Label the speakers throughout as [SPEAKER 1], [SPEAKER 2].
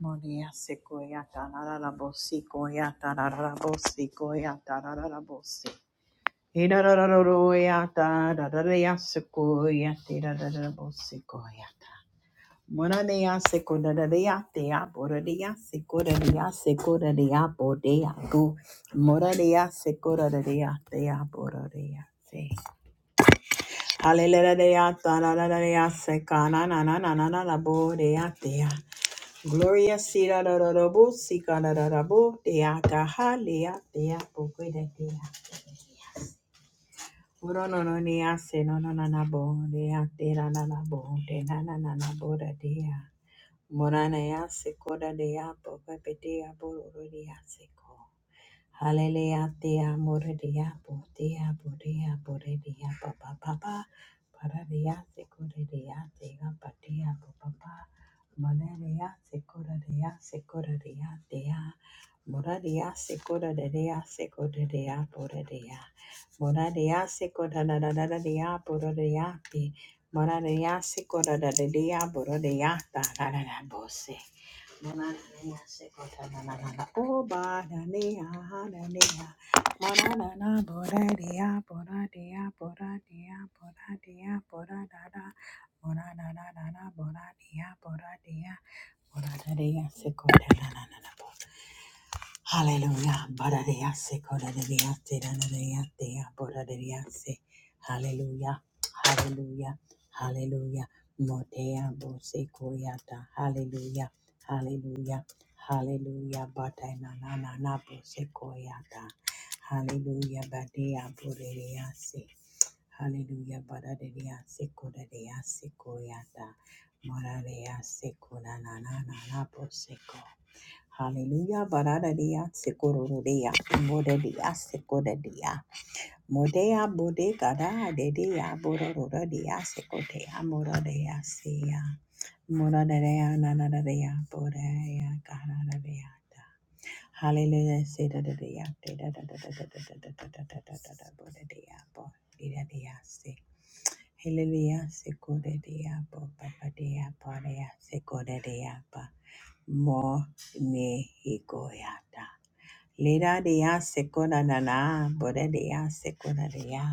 [SPEAKER 1] Monia sequoia tarararabosi koya tarararabosi koya tarararabosi. Irarararoya tarararaya sequoia tirararabosi koya ta. Monania sequoia tea boradia sequoia sequoia bodea go. Moradia sequoia tea boradia se. Hallelujah tarararaya sekana na na na tea. Gloria sira da da da bo, sika da da da bo, dea kaha, lea, dea, bo, de dea. Uro no no nea se no no na na bo, dea, de la na na bo, de na na na na bo da dea. Morana ya se koda dea, bo, pepe dea, bo, uro dea se ko. Hallelujah, thea, moredia, bodea, bodea, boredia, ba ba ba ba, paradia, secoredia, thea, badia, ba ba ba, moredia, secoredia, secoredia, thea, moradia, secoredia, secoredia, boredia, moradia, secoredia, boredia, moradia, secoredia, boredia, da da da, bose. Mananea sekotananana obananea hananea mananana boradea boradea boradea boradea boradada boradadadada boradea boradea boradadea sekotananana Hallelujah. Barariase, korariate, danariate, borariase. Hallelujah. Hallelujah. Hallelujah. Motea bose koyata. Hallelujah. Hallelujah. Hallelujah. Bata na na na na bose koyata. Hallelujah. Badea borariase. Hallelujah. Barariase, korariase koyata. Morariase, koranana na na bose Hallelujah, bara deya, seko ro deya, mude deya, seko deya, mudeya, mude kada de deya, bororo deya, seko deya, mude deya, seya, mude deya, na na deya, boraya, kara deyada. Hallelujah, se de deya, de de de de de de de de de de de de deya, de de deya, se. Hallelujah, seko deya, bo bo deya, boraya, seko deya, ba mo me ego yada. Leda de ya sekona na na, boda de ya sekona de ya.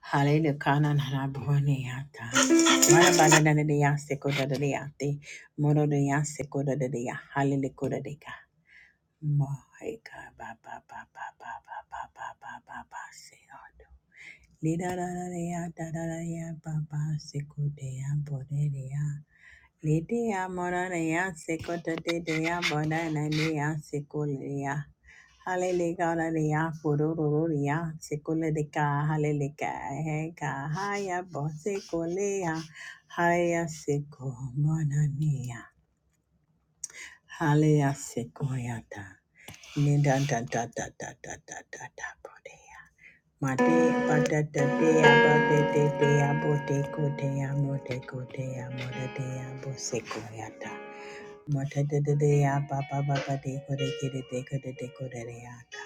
[SPEAKER 1] Hallelujah, kana na na bone ya ta. Mara bana na de ya sekona de ya te. Moro de ya sekona de ya. Hallelujah, koda de ka. Mohi ka ba ba ba ba ba ba ba ba ba ba ba se odo. Leda da da de ya da da da ya ba ba sekode ya boda de ya. Lede ya mora de ya sekona de de ya boda na de ya sekole ya. Hallelujah, hallelujah, kurururiya, sekulerika, hallelujah, heka, haya, bosekolea, haya, seko, monania, hallelujah, sekoyata, nida, da, da, da, da, da, da, da, da, bodea, mate, patatatea, patetetea, botekotea, motekotea, motetea, bosekoyata, motetetea, papapapatekorekeretekoretekoreata.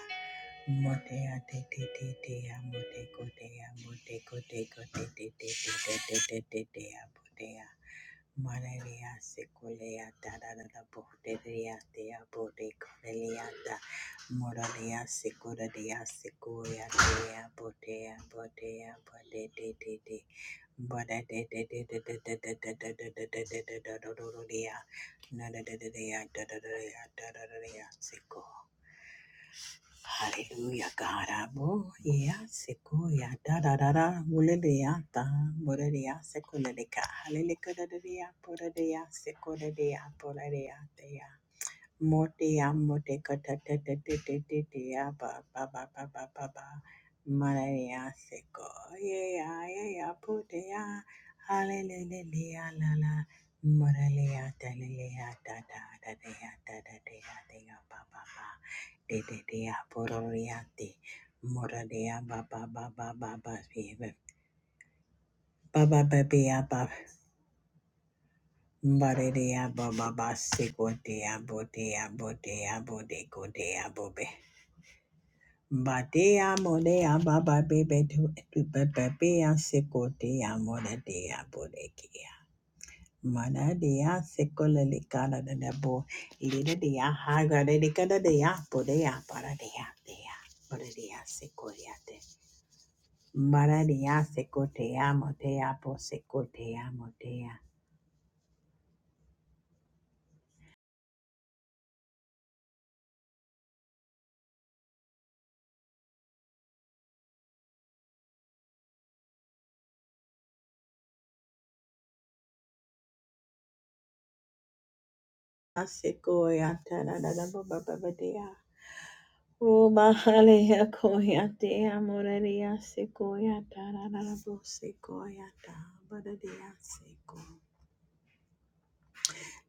[SPEAKER 1] Hallelujah, God. Abo, yeah, seko, yeah, da, da, da, da, ulele, yeah, da, borele, yeah, seko, lele, ka, halele, ka, da, da, da, yeah, borele, yeah, seko, lele, yeah, borele, yeah, da, yeah. Moti amote kata tete tete tete ya ba ba ba ba ba ba ba Maria seko ye ya ye ya pute ya hallelujah la la Malaria ta le le ya da da da da ya da da da ya da ya ba ba ba de de de ya pororiate Moradia ba ba ba ba ba ba ba ba ba ba ba ya ba Maria ba ba ba seko de ya bo de ya bo de ya bo de go de ya bo be. Badea modea baba bebe tu tu bebea seko dea moda dea bodekea. Mana dea seko lelicana de nebo, lida dea haga dedicada dea bodea para dea dea, para dea seko yate. Mara dea seko te amo te apo seko te amo dea. modea. Aseko yata da da da baba dea. Roma halea koya te amoreria se koya tararabo se koya ta badadia se ko.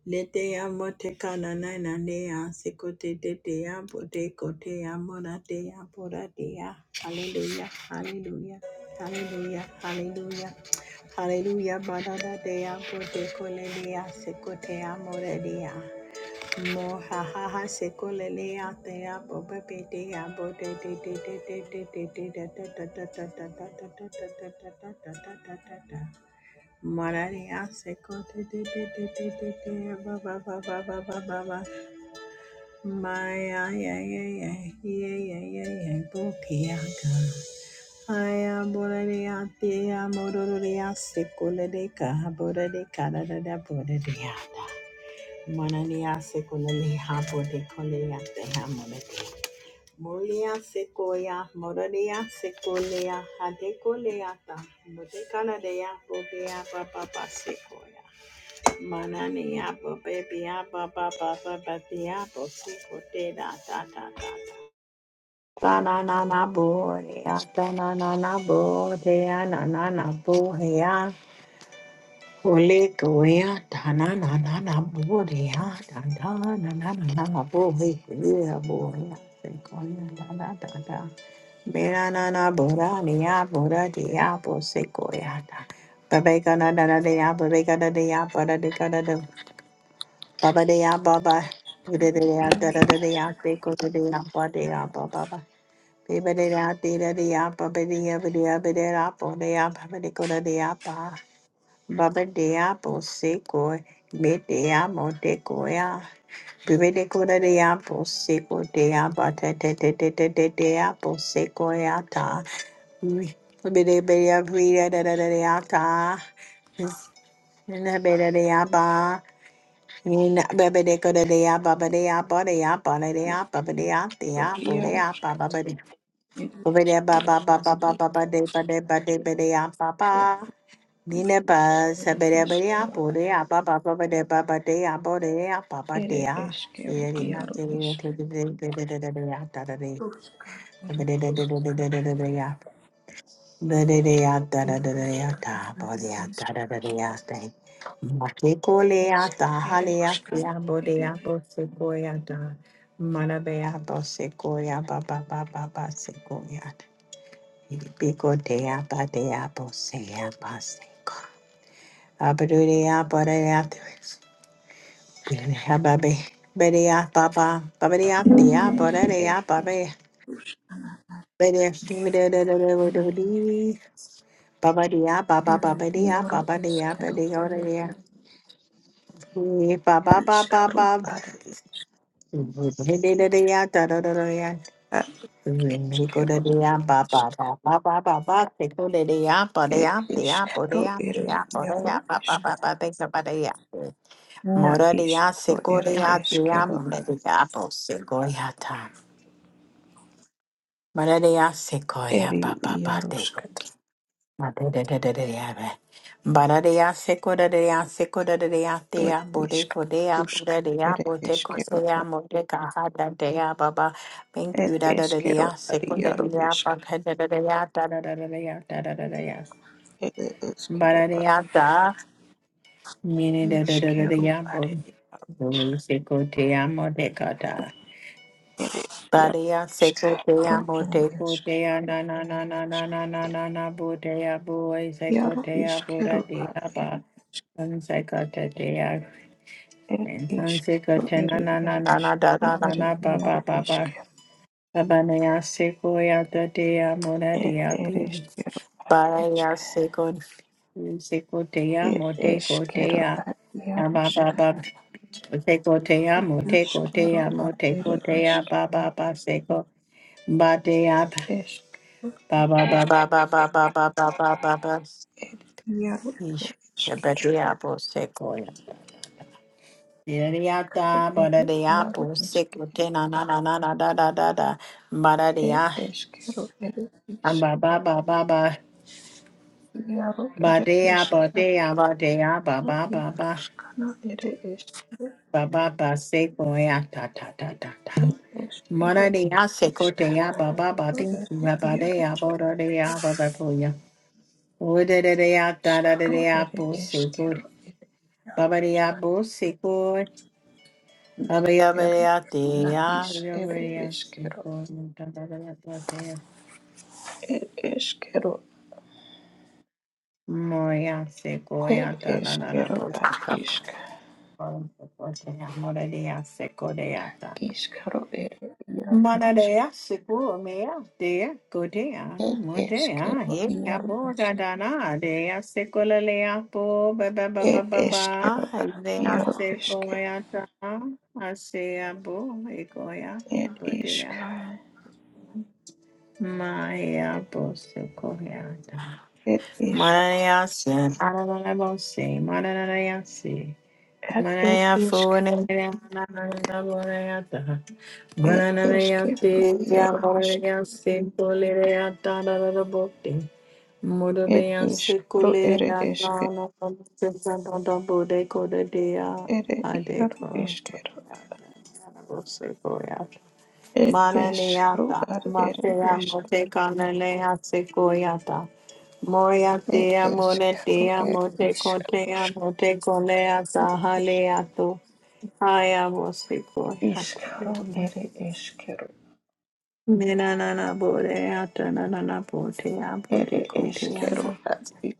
[SPEAKER 1] Lete nana kanana nanea se kote te te apote kote amorate aporatea. Hallelujah, hallelujah, hallelujah, hallelujah. Hallelujah, badada dea pote koledea se kote amoreria. Mohahaha sekolelea tea boba bedea bode te te te te te te te te te te te te te te te te te de de de de Mararia seko te te te te te te te ba ba ba ba ba ba ba ba Maya ya ya ya ya ya ya ya bokiaga Aya boraria tea mororia sekoleleka boraria da da da boraria da Manania secolele hapo de colea de hamonete. Molia sequoia, moradia secolea, hadecoleata, modecanadea, bobea, papa sequoia. Manania bobea, papa, papa, papia, bosecote, da, da, da, da. Tanana borea, tanana borea, nanana borea. Ole goya da na na na na boya da da na na na na na boya yeah, boya se goya da da da da mera na na bora niya bora diya bo se goya da babe ka na na na diya baba ka na diya baba de ka na de baba diya baba ude diya da da da diya se ko diya ba diya baba. ba ba diya diya diya baba diya diya diya ba diya baba diya ko diya ba Baba de apple seco, me de amo de goya. Bibe de cura de apple seco de abata de de de de de de apple seco yata. Bibe de bea vida da da da da yata. Na beda de aba. Bebe de cura de aba, baba de aba de aba de aba de aba de aba de
[SPEAKER 2] Ruskot
[SPEAKER 1] Baba de baba baba baba de ba de ba de ba
[SPEAKER 2] ere
[SPEAKER 1] Mina ba sabere bere
[SPEAKER 2] iskero
[SPEAKER 1] apo de apa pa pa pa pa de pa pa de apo de apa pa pa de
[SPEAKER 2] ere iskero ere
[SPEAKER 1] a.
[SPEAKER 2] iskero
[SPEAKER 1] Ye ri ma
[SPEAKER 2] iaro
[SPEAKER 1] je ri o
[SPEAKER 2] isk
[SPEAKER 1] te te te te te te te te ya ta ta de.
[SPEAKER 2] ruska
[SPEAKER 1] Ba
[SPEAKER 2] ere
[SPEAKER 1] de de de
[SPEAKER 2] isk
[SPEAKER 1] de de de de de de ya. Ba de de ya ta ta ta ta ya ta
[SPEAKER 2] iaruskana
[SPEAKER 1] pa de ya ta
[SPEAKER 2] ere
[SPEAKER 1] ta ta ta ya ta. Ma ke ko le ya ta ha
[SPEAKER 2] iskero
[SPEAKER 1] le ya te ya
[SPEAKER 2] ruskana
[SPEAKER 1] bo de
[SPEAKER 2] ere
[SPEAKER 1] ya bo se ko ya ta. Ma na be ya bo se ko ya pa pa pa pa pa se ko ya ta. Pi ko de ya pa de ya bo se ya pa se ko. Abadudea, Badea, Hababi, Bedia, Baba, Babadia, Dia,
[SPEAKER 2] ere
[SPEAKER 1] Badea,
[SPEAKER 2] isk
[SPEAKER 1] Babe,
[SPEAKER 2] ruskana
[SPEAKER 1] Bedia, Babadia, Baba,
[SPEAKER 2] ere
[SPEAKER 1] Babadia,
[SPEAKER 2] iaro
[SPEAKER 1] Babadia,
[SPEAKER 2] iskero
[SPEAKER 1] Badia, Baba, Baba,
[SPEAKER 2] iskaro
[SPEAKER 1] Baba,
[SPEAKER 2] ere
[SPEAKER 1] Hididia, Dadadadia,
[SPEAKER 2] iskero
[SPEAKER 1] Hikodia, Baba,
[SPEAKER 2] isk
[SPEAKER 1] Baba, Baba, Baba, Hikodia,
[SPEAKER 2] ere
[SPEAKER 1] Badea, Dia,
[SPEAKER 2] iskero
[SPEAKER 1] Bodea,
[SPEAKER 2] ere
[SPEAKER 1] Dia,
[SPEAKER 2] iaro
[SPEAKER 1] Bodea, Baba,
[SPEAKER 2] isk
[SPEAKER 1] Baba, Baba, Babadia.
[SPEAKER 2] na
[SPEAKER 1] Moraria
[SPEAKER 2] iskaro ere
[SPEAKER 1] secoria
[SPEAKER 2] iskero
[SPEAKER 1] diam apple secoia ta. Moraria secoia
[SPEAKER 2] eri
[SPEAKER 1] papa pateco.
[SPEAKER 2] iaroskata
[SPEAKER 1] Bararia secoria secoria
[SPEAKER 2] ed
[SPEAKER 1] dea
[SPEAKER 2] isk
[SPEAKER 1] bodeco dea
[SPEAKER 2] rusk
[SPEAKER 1] bodeca
[SPEAKER 2] ere
[SPEAKER 1] boteco
[SPEAKER 2] eskero
[SPEAKER 1] sea
[SPEAKER 2] ar
[SPEAKER 1] modeca hada dea baba. Thank
[SPEAKER 2] ed
[SPEAKER 1] you da da
[SPEAKER 2] eskero
[SPEAKER 1] dea
[SPEAKER 2] ar iaro
[SPEAKER 1] secoria
[SPEAKER 2] isk
[SPEAKER 1] papa da da dea da da da dea da da da dea.
[SPEAKER 2] ere eskero ar
[SPEAKER 1] Bararia da mini da da da
[SPEAKER 2] iskero
[SPEAKER 1] dea bo.
[SPEAKER 2] are iaro
[SPEAKER 1] Secoria modeca
[SPEAKER 2] ere iaro
[SPEAKER 1] Badia
[SPEAKER 2] isk
[SPEAKER 1] seco
[SPEAKER 2] ro
[SPEAKER 1] dea
[SPEAKER 2] ere
[SPEAKER 1] boteco
[SPEAKER 2] eskero
[SPEAKER 1] dea na na na na na na na na na botea boy seco
[SPEAKER 2] iaro
[SPEAKER 1] dea bora
[SPEAKER 2] iskero
[SPEAKER 1] dea
[SPEAKER 2] ar ed
[SPEAKER 1] ba
[SPEAKER 2] isk
[SPEAKER 1] un seco dea
[SPEAKER 2] ed
[SPEAKER 1] and sun
[SPEAKER 2] isk
[SPEAKER 1] seco
[SPEAKER 2] ro
[SPEAKER 1] tena
[SPEAKER 2] ere
[SPEAKER 1] na na na na
[SPEAKER 2] isk
[SPEAKER 1] da
[SPEAKER 2] ro
[SPEAKER 1] da da
[SPEAKER 2] ere
[SPEAKER 1] na ba
[SPEAKER 2] iaro
[SPEAKER 1] ba ba ba
[SPEAKER 2] iskero
[SPEAKER 1] Abanaya seco ya da dea mora
[SPEAKER 2] ed
[SPEAKER 1] dea
[SPEAKER 2] ere
[SPEAKER 1] be
[SPEAKER 2] eskero ar isk
[SPEAKER 1] Badia seco seco dea
[SPEAKER 2] ed
[SPEAKER 1] moteco
[SPEAKER 2] eskero
[SPEAKER 1] dea
[SPEAKER 2] ar
[SPEAKER 1] na ba
[SPEAKER 2] iarosk
[SPEAKER 1] ba ba seco dea
[SPEAKER 2] ro
[SPEAKER 1] moteco
[SPEAKER 2] iskero
[SPEAKER 1] dea
[SPEAKER 2] ar
[SPEAKER 1] moteco
[SPEAKER 2] ere
[SPEAKER 1] dea
[SPEAKER 2] isk
[SPEAKER 1] ba ba ba seco Batea
[SPEAKER 2] Eskero,
[SPEAKER 1] Ba ba ba ba ba ba ba ba ba ba ba ba.
[SPEAKER 2] iaro,
[SPEAKER 1] Ish,
[SPEAKER 2] ere,
[SPEAKER 1] te
[SPEAKER 2] eskero,
[SPEAKER 1] beti apo seko ya. Yeriata, bada
[SPEAKER 2] ere,
[SPEAKER 1] de
[SPEAKER 2] iaro,
[SPEAKER 1] apo
[SPEAKER 2] eske,
[SPEAKER 1] seko te na na na na da da da da. Bada de a.
[SPEAKER 2] ed, eskero, ere,
[SPEAKER 1] Ba
[SPEAKER 2] isk,
[SPEAKER 1] ba ba ba ba.
[SPEAKER 2] iaro,
[SPEAKER 1] Ba
[SPEAKER 2] ere,
[SPEAKER 1] de a ba
[SPEAKER 2] eskero,
[SPEAKER 1] de a ba de a ba ba ba
[SPEAKER 2] iaro,
[SPEAKER 1] ba.
[SPEAKER 2] skana, ere, eskero,
[SPEAKER 1] Ba ba ba seko ya ta ta ta ta ta. Mara
[SPEAKER 2] eskero,
[SPEAKER 1] de a seko te ya
[SPEAKER 2] iskaro,
[SPEAKER 1] ba ba ba ting.
[SPEAKER 2] ere,
[SPEAKER 1] Ba ba de
[SPEAKER 2] iaro,
[SPEAKER 1] a ba da de a ba da ko Uda de de a da da de de
[SPEAKER 2] skaro,
[SPEAKER 1] a
[SPEAKER 2] ere,
[SPEAKER 1] po
[SPEAKER 2] eskero, ere, iaro,
[SPEAKER 1] Babaria
[SPEAKER 2] skana,
[SPEAKER 1] Busikor, Babia
[SPEAKER 2] iskero, na,
[SPEAKER 1] Bariatia,
[SPEAKER 2] is, ere,
[SPEAKER 1] Yoria
[SPEAKER 2] eskero,
[SPEAKER 1] Sikor, Tababia Platea,
[SPEAKER 2] ed, eskero,
[SPEAKER 1] Moria
[SPEAKER 2] ed,
[SPEAKER 1] Sikoya, Tanana
[SPEAKER 2] eskero, ad,
[SPEAKER 1] Busika,
[SPEAKER 2] isk,
[SPEAKER 1] Moradia Sikodeata,
[SPEAKER 2] iskaro, ere, iaro,
[SPEAKER 1] Manadea Sikur, Mea, Dea, Godea,
[SPEAKER 2] Ed
[SPEAKER 1] Motea,
[SPEAKER 2] eskero
[SPEAKER 1] He,
[SPEAKER 2] iaro isk.
[SPEAKER 1] Caborda Dana, Dea Sikola Leapo, Baba Baba
[SPEAKER 2] It is kero
[SPEAKER 1] Baba, Dea
[SPEAKER 2] yo isk.
[SPEAKER 1] Sikoyata, Asea Bo, Egoya,
[SPEAKER 2] It isk.
[SPEAKER 1] Bodea. Maya Bose Koreada.
[SPEAKER 2] It isk.
[SPEAKER 1] Maya Sen Arabose, Marayasi.
[SPEAKER 2] At it
[SPEAKER 1] Maya
[SPEAKER 2] isk.
[SPEAKER 1] Fune, Manaboreata.
[SPEAKER 2] It isk kero
[SPEAKER 1] Mananayati,
[SPEAKER 2] isk.
[SPEAKER 1] Yaboreasi, Polereata, Rabote.
[SPEAKER 2] It isk
[SPEAKER 1] Mudodeyasi,
[SPEAKER 2] ere
[SPEAKER 1] Kulereata,
[SPEAKER 2] isk.
[SPEAKER 1] Santa Bode, Codea,
[SPEAKER 2] Ere yaro
[SPEAKER 1] Adeco.
[SPEAKER 2] isk kero. It is
[SPEAKER 1] Mananiata,
[SPEAKER 2] ar ere
[SPEAKER 1] Matea
[SPEAKER 2] isk.
[SPEAKER 1] Mote Kanalea Sequoiata,
[SPEAKER 2] It
[SPEAKER 1] Moriatea
[SPEAKER 2] is ro
[SPEAKER 1] Monetea
[SPEAKER 2] er
[SPEAKER 1] Mote
[SPEAKER 2] isk.
[SPEAKER 1] Cotea
[SPEAKER 2] Rusk.
[SPEAKER 1] Mote Colea
[SPEAKER 2] It isk.
[SPEAKER 1] Sahaleato, Hayabo
[SPEAKER 2] Isk
[SPEAKER 1] Sequoiatea,
[SPEAKER 2] ere isk
[SPEAKER 1] Minanana Boreata Nanana Potea
[SPEAKER 2] Ere
[SPEAKER 1] Pote
[SPEAKER 2] isk
[SPEAKER 1] Cotea,
[SPEAKER 2] kero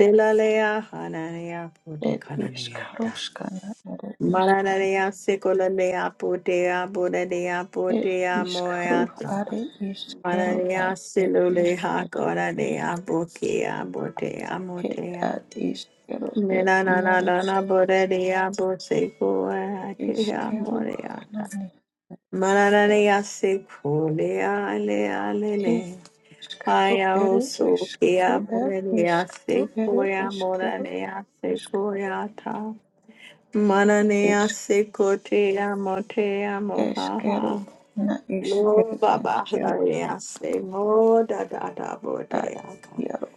[SPEAKER 1] Delalea Hananea Pote
[SPEAKER 2] It is
[SPEAKER 1] Cananiata.
[SPEAKER 2] Karuskana, and it is Kero,
[SPEAKER 1] Maranarea Secolalea Potea Bodea
[SPEAKER 2] it
[SPEAKER 1] Potea
[SPEAKER 2] is Karu,
[SPEAKER 1] Moeata.
[SPEAKER 2] and it is Kero, and
[SPEAKER 1] Mararia
[SPEAKER 2] it is
[SPEAKER 1] silule ha
[SPEAKER 2] Kero,
[SPEAKER 1] coradea bokia botea
[SPEAKER 2] it
[SPEAKER 1] motea.
[SPEAKER 2] at is Kero, it
[SPEAKER 1] Mena na na na
[SPEAKER 2] Yarus
[SPEAKER 1] na borea bosecoa
[SPEAKER 2] is
[SPEAKER 1] tea
[SPEAKER 2] Kero,
[SPEAKER 1] moreaca.
[SPEAKER 2] Hanani, Kero,
[SPEAKER 1] Mararia secolea lea
[SPEAKER 2] it
[SPEAKER 1] lele.
[SPEAKER 2] is Karu,
[SPEAKER 1] Haya
[SPEAKER 2] it
[SPEAKER 1] oso
[SPEAKER 2] is
[SPEAKER 1] kea
[SPEAKER 2] Karu, it is
[SPEAKER 1] morea
[SPEAKER 2] Karu, it
[SPEAKER 1] secoia
[SPEAKER 2] is Kero,
[SPEAKER 1] moranea secoia ta. Mananea
[SPEAKER 2] is
[SPEAKER 1] secotea motea
[SPEAKER 2] is
[SPEAKER 1] mohaha.
[SPEAKER 2] Kero, na is it
[SPEAKER 1] Lord
[SPEAKER 2] is
[SPEAKER 1] Baba
[SPEAKER 2] Kero,
[SPEAKER 1] Hariaste, Mo da da da bo
[SPEAKER 2] at
[SPEAKER 1] de aka.
[SPEAKER 2] Yaru,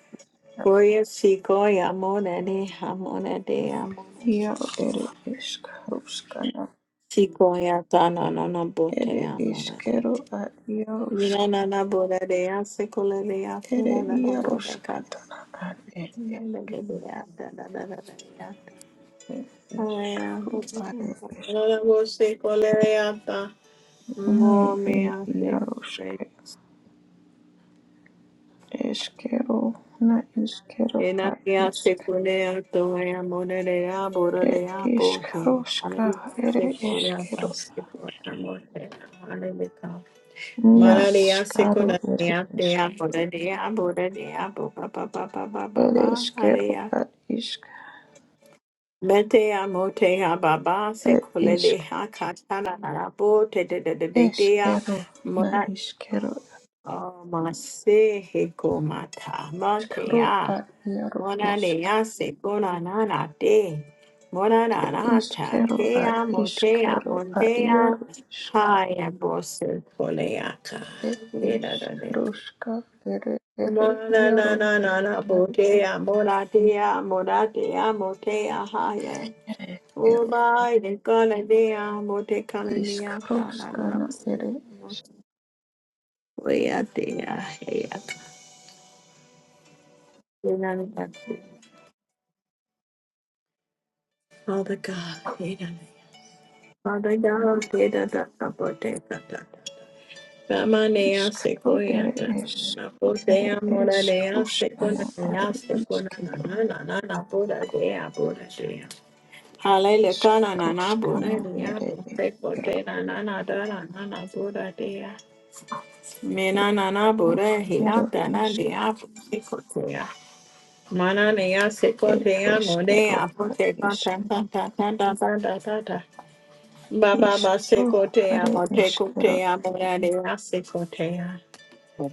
[SPEAKER 1] Koya sikoya monade, hamonade, amonade.
[SPEAKER 2] Yaru, it is Karuskana.
[SPEAKER 1] Sikoya tana no no bote
[SPEAKER 2] Ere
[SPEAKER 1] amonade.
[SPEAKER 2] iskero ad iarosk.
[SPEAKER 1] Mina na na boda de ase kola de ase
[SPEAKER 2] Ere
[SPEAKER 1] na na na boda kada.
[SPEAKER 2] iaroskatana ad ed
[SPEAKER 1] Na na
[SPEAKER 2] esk.
[SPEAKER 1] de de da da da da da da.
[SPEAKER 2] Ed
[SPEAKER 1] Aya
[SPEAKER 2] iskaru
[SPEAKER 1] bote.
[SPEAKER 2] ad ed esk.
[SPEAKER 1] Na na bo se kola de ata.
[SPEAKER 2] Ni
[SPEAKER 1] Mo me
[SPEAKER 2] ed
[SPEAKER 1] ase.
[SPEAKER 2] iarosk. Eskero na iskero ad
[SPEAKER 1] Enania
[SPEAKER 2] isk.
[SPEAKER 1] sekunea toea monerea
[SPEAKER 2] Ed
[SPEAKER 1] bororea bote.
[SPEAKER 2] iskaroska
[SPEAKER 1] Aleluya
[SPEAKER 2] ere
[SPEAKER 1] sekora
[SPEAKER 2] eskero.
[SPEAKER 1] pasekora morte. Aleluya.
[SPEAKER 2] Na
[SPEAKER 1] Mararia
[SPEAKER 2] iskaru
[SPEAKER 1] sekunea
[SPEAKER 2] ere isk.
[SPEAKER 1] tea bororea bororea bo ba ba ba ba ba ba
[SPEAKER 2] Ere
[SPEAKER 1] ba.
[SPEAKER 2] iskero
[SPEAKER 1] Harea.
[SPEAKER 2] ad isk.
[SPEAKER 1] Metea motea baba
[SPEAKER 2] Ed isk.
[SPEAKER 1] sekulelea katana na bote de de de de dea.
[SPEAKER 2] Eskero na
[SPEAKER 1] Mona.
[SPEAKER 2] iskero.
[SPEAKER 1] Oh, mase hekomata.
[SPEAKER 2] Iskaru
[SPEAKER 1] Matea.
[SPEAKER 2] ad iaro
[SPEAKER 1] Mona de
[SPEAKER 2] isk.
[SPEAKER 1] yase, bona nana de. Mona nana ta
[SPEAKER 2] Ishkero ad
[SPEAKER 1] tea motea
[SPEAKER 2] ishkero ad
[SPEAKER 1] motea.
[SPEAKER 2] yaro ishkere
[SPEAKER 1] Haya bose koleaka. Nena da de.
[SPEAKER 2] ishkroshka ere ere
[SPEAKER 1] Mona
[SPEAKER 2] yaro
[SPEAKER 1] nana nana
[SPEAKER 2] ishkere
[SPEAKER 1] botea moratea moratea motea haya. Oh
[SPEAKER 2] ero
[SPEAKER 1] my de kala dea mote kala dea ta na na.
[SPEAKER 2] ishkroshkana ere
[SPEAKER 1] Wea dea heya. Father God, Father God, data da da da da da. Ramanea
[SPEAKER 2] ishkro ere
[SPEAKER 1] sequoyata.
[SPEAKER 2] eshkro ere
[SPEAKER 1] Napotea moranea sequoia
[SPEAKER 2] eshkroshkana are
[SPEAKER 1] sequoia
[SPEAKER 2] ishkero
[SPEAKER 1] na na na na buddha dea buddha dea. Hallelujah, kana na na
[SPEAKER 2] ishkroshkana
[SPEAKER 1] buddha dea.
[SPEAKER 2] ere
[SPEAKER 1] Sequoia na na na da na na na buddha dea. Mena na na
[SPEAKER 2] eshkro
[SPEAKER 1] buddha
[SPEAKER 2] ere
[SPEAKER 1] hiata na
[SPEAKER 2] eshke
[SPEAKER 1] dea sequoia. Mana nea
[SPEAKER 2] ed
[SPEAKER 1] sequoia
[SPEAKER 2] eshkero
[SPEAKER 1] modea
[SPEAKER 2] ad
[SPEAKER 1] pote ta
[SPEAKER 2] ishk
[SPEAKER 1] ta ta ta ta ta ta ta ta. Baba ba
[SPEAKER 2] ishkro
[SPEAKER 1] sekotea
[SPEAKER 2] are eshkero
[SPEAKER 1] motekotea moranea sekotea.
[SPEAKER 3] Ora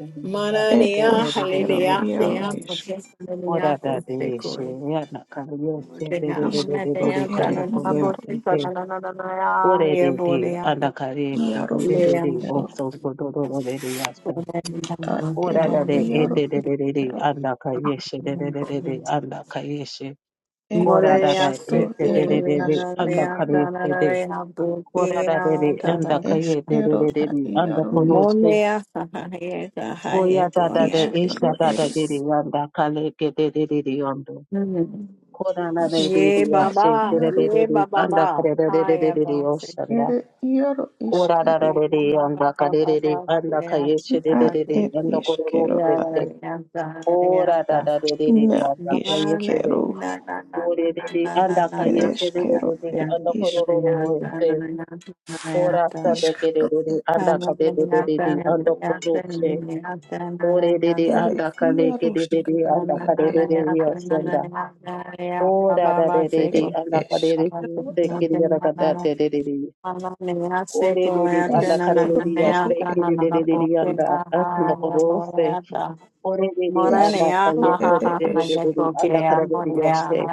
[SPEAKER 2] ed
[SPEAKER 1] Maranea
[SPEAKER 2] eshkero
[SPEAKER 1] halelea sea
[SPEAKER 2] yaro
[SPEAKER 1] motekotea
[SPEAKER 3] da deeshe,
[SPEAKER 1] kosekoe.
[SPEAKER 3] yana kariyo se de
[SPEAKER 1] Motea
[SPEAKER 3] de de de de
[SPEAKER 2] Iskero
[SPEAKER 3] de de
[SPEAKER 1] amanadea
[SPEAKER 2] ere
[SPEAKER 3] kanda
[SPEAKER 1] tanana
[SPEAKER 3] kodo
[SPEAKER 2] iaro
[SPEAKER 3] se
[SPEAKER 1] bote tanana ye
[SPEAKER 3] de de
[SPEAKER 1] bodea.
[SPEAKER 3] anda kariyo
[SPEAKER 2] iaro
[SPEAKER 3] de de de
[SPEAKER 1] Lea
[SPEAKER 3] de
[SPEAKER 2] iskero
[SPEAKER 3] oso kodo do do de de
[SPEAKER 2] a
[SPEAKER 3] Ora
[SPEAKER 2] ere
[SPEAKER 3] da de e
[SPEAKER 2] iaro
[SPEAKER 3] de de de
[SPEAKER 2] iskero
[SPEAKER 3] anda kariyo de de de de anda kariyo
[SPEAKER 2] e
[SPEAKER 3] Ora da
[SPEAKER 1] Morea
[SPEAKER 3] e
[SPEAKER 2] iskero
[SPEAKER 3] de de
[SPEAKER 2] ere
[SPEAKER 3] de de
[SPEAKER 2] iskero
[SPEAKER 3] anda
[SPEAKER 1] sekoea
[SPEAKER 3] kariyo de.
[SPEAKER 1] tanana
[SPEAKER 3] de de
[SPEAKER 1] botea
[SPEAKER 3] de
[SPEAKER 1] tanana.
[SPEAKER 2] iskero a
[SPEAKER 3] anda
[SPEAKER 2] iaro
[SPEAKER 3] kodo
[SPEAKER 2] is-
[SPEAKER 3] se.
[SPEAKER 1] Monea sahaya sahaya
[SPEAKER 3] Oya da da de
[SPEAKER 1] koyate.
[SPEAKER 2] iskero
[SPEAKER 3] isha da da
[SPEAKER 2] ere
[SPEAKER 3] de de yanda kale ke de de de de yondo.
[SPEAKER 1] Mm.
[SPEAKER 3] Kora na de de de
[SPEAKER 1] Ye
[SPEAKER 3] ya
[SPEAKER 2] iskero e
[SPEAKER 3] she
[SPEAKER 1] Baba.
[SPEAKER 3] de
[SPEAKER 2] iaro
[SPEAKER 3] de de
[SPEAKER 1] Yeah,
[SPEAKER 3] de
[SPEAKER 1] Baba.
[SPEAKER 3] anda
[SPEAKER 1] Ba.
[SPEAKER 3] kare de de de
[SPEAKER 1] Hi,
[SPEAKER 3] de de de
[SPEAKER 1] Abba.
[SPEAKER 3] yoshanda.
[SPEAKER 2] ere iaro
[SPEAKER 3] Kora da
[SPEAKER 2] iskero
[SPEAKER 3] da
[SPEAKER 1] Yeah,
[SPEAKER 3] de de
[SPEAKER 1] Baba.
[SPEAKER 3] yanda kare
[SPEAKER 1] Baba.
[SPEAKER 3] de
[SPEAKER 1] Baba.
[SPEAKER 3] de anda
[SPEAKER 1] Yeah, yeah,
[SPEAKER 3] kaye she de
[SPEAKER 2] a
[SPEAKER 3] de
[SPEAKER 1] yeah.
[SPEAKER 3] de de
[SPEAKER 2] ere
[SPEAKER 3] yanda kore ro
[SPEAKER 2] iskero
[SPEAKER 1] Yeah,
[SPEAKER 2] a
[SPEAKER 3] se se.
[SPEAKER 1] yeah, yeah, yeah,
[SPEAKER 3] Kora da
[SPEAKER 1] yeah.
[SPEAKER 3] da de de de
[SPEAKER 2] na
[SPEAKER 3] yanda
[SPEAKER 1] Ma,
[SPEAKER 3] kaye she
[SPEAKER 1] na,
[SPEAKER 3] de.
[SPEAKER 2] iskero
[SPEAKER 1] na, na, na, na,
[SPEAKER 3] Kore de de
[SPEAKER 1] na, na, na,
[SPEAKER 3] anda
[SPEAKER 1] na,
[SPEAKER 2] ere
[SPEAKER 3] kaye she
[SPEAKER 1] na,
[SPEAKER 3] de de
[SPEAKER 2] iskero
[SPEAKER 3] de
[SPEAKER 1] yeah,
[SPEAKER 3] de
[SPEAKER 2] e
[SPEAKER 1] yeah,
[SPEAKER 3] anda
[SPEAKER 2] is-
[SPEAKER 3] kore ro ro
[SPEAKER 1] yeah, na,
[SPEAKER 3] se.
[SPEAKER 1] na, na, yeah,
[SPEAKER 3] Kora sa
[SPEAKER 1] yeah.
[SPEAKER 3] de ke
[SPEAKER 2] iskero
[SPEAKER 3] de de
[SPEAKER 2] e
[SPEAKER 3] de
[SPEAKER 1] Ah,
[SPEAKER 3] anda
[SPEAKER 1] na, na,
[SPEAKER 3] kare de de
[SPEAKER 1] na, na, na, na,
[SPEAKER 3] de de anda
[SPEAKER 1] yeah,
[SPEAKER 3] kore se.
[SPEAKER 1] yeah, na, na,
[SPEAKER 3] Ore de
[SPEAKER 1] yeah,
[SPEAKER 3] de
[SPEAKER 1] yeah.
[SPEAKER 2] ere
[SPEAKER 3] anda kale ke
[SPEAKER 2] iaro
[SPEAKER 3] de de de
[SPEAKER 2] skara
[SPEAKER 1] Moya,
[SPEAKER 3] anda kale
[SPEAKER 2] e
[SPEAKER 3] de de ya senda. Ora da de de de
[SPEAKER 2] e
[SPEAKER 3] anda kale de de se
[SPEAKER 2] iskero
[SPEAKER 3] ke de ra kata de de de de. Ore de de anda kale
[SPEAKER 2] Iskro
[SPEAKER 3] de de ya
[SPEAKER 2] ere
[SPEAKER 3] se ke de de de de de anda akanda koro se. Ore de
[SPEAKER 2] eskero
[SPEAKER 3] de anda
[SPEAKER 2] iskero
[SPEAKER 3] kale se
[SPEAKER 2] ere
[SPEAKER 3] de de de de de
[SPEAKER 2] eske
[SPEAKER 3] de anda kale de de ya se.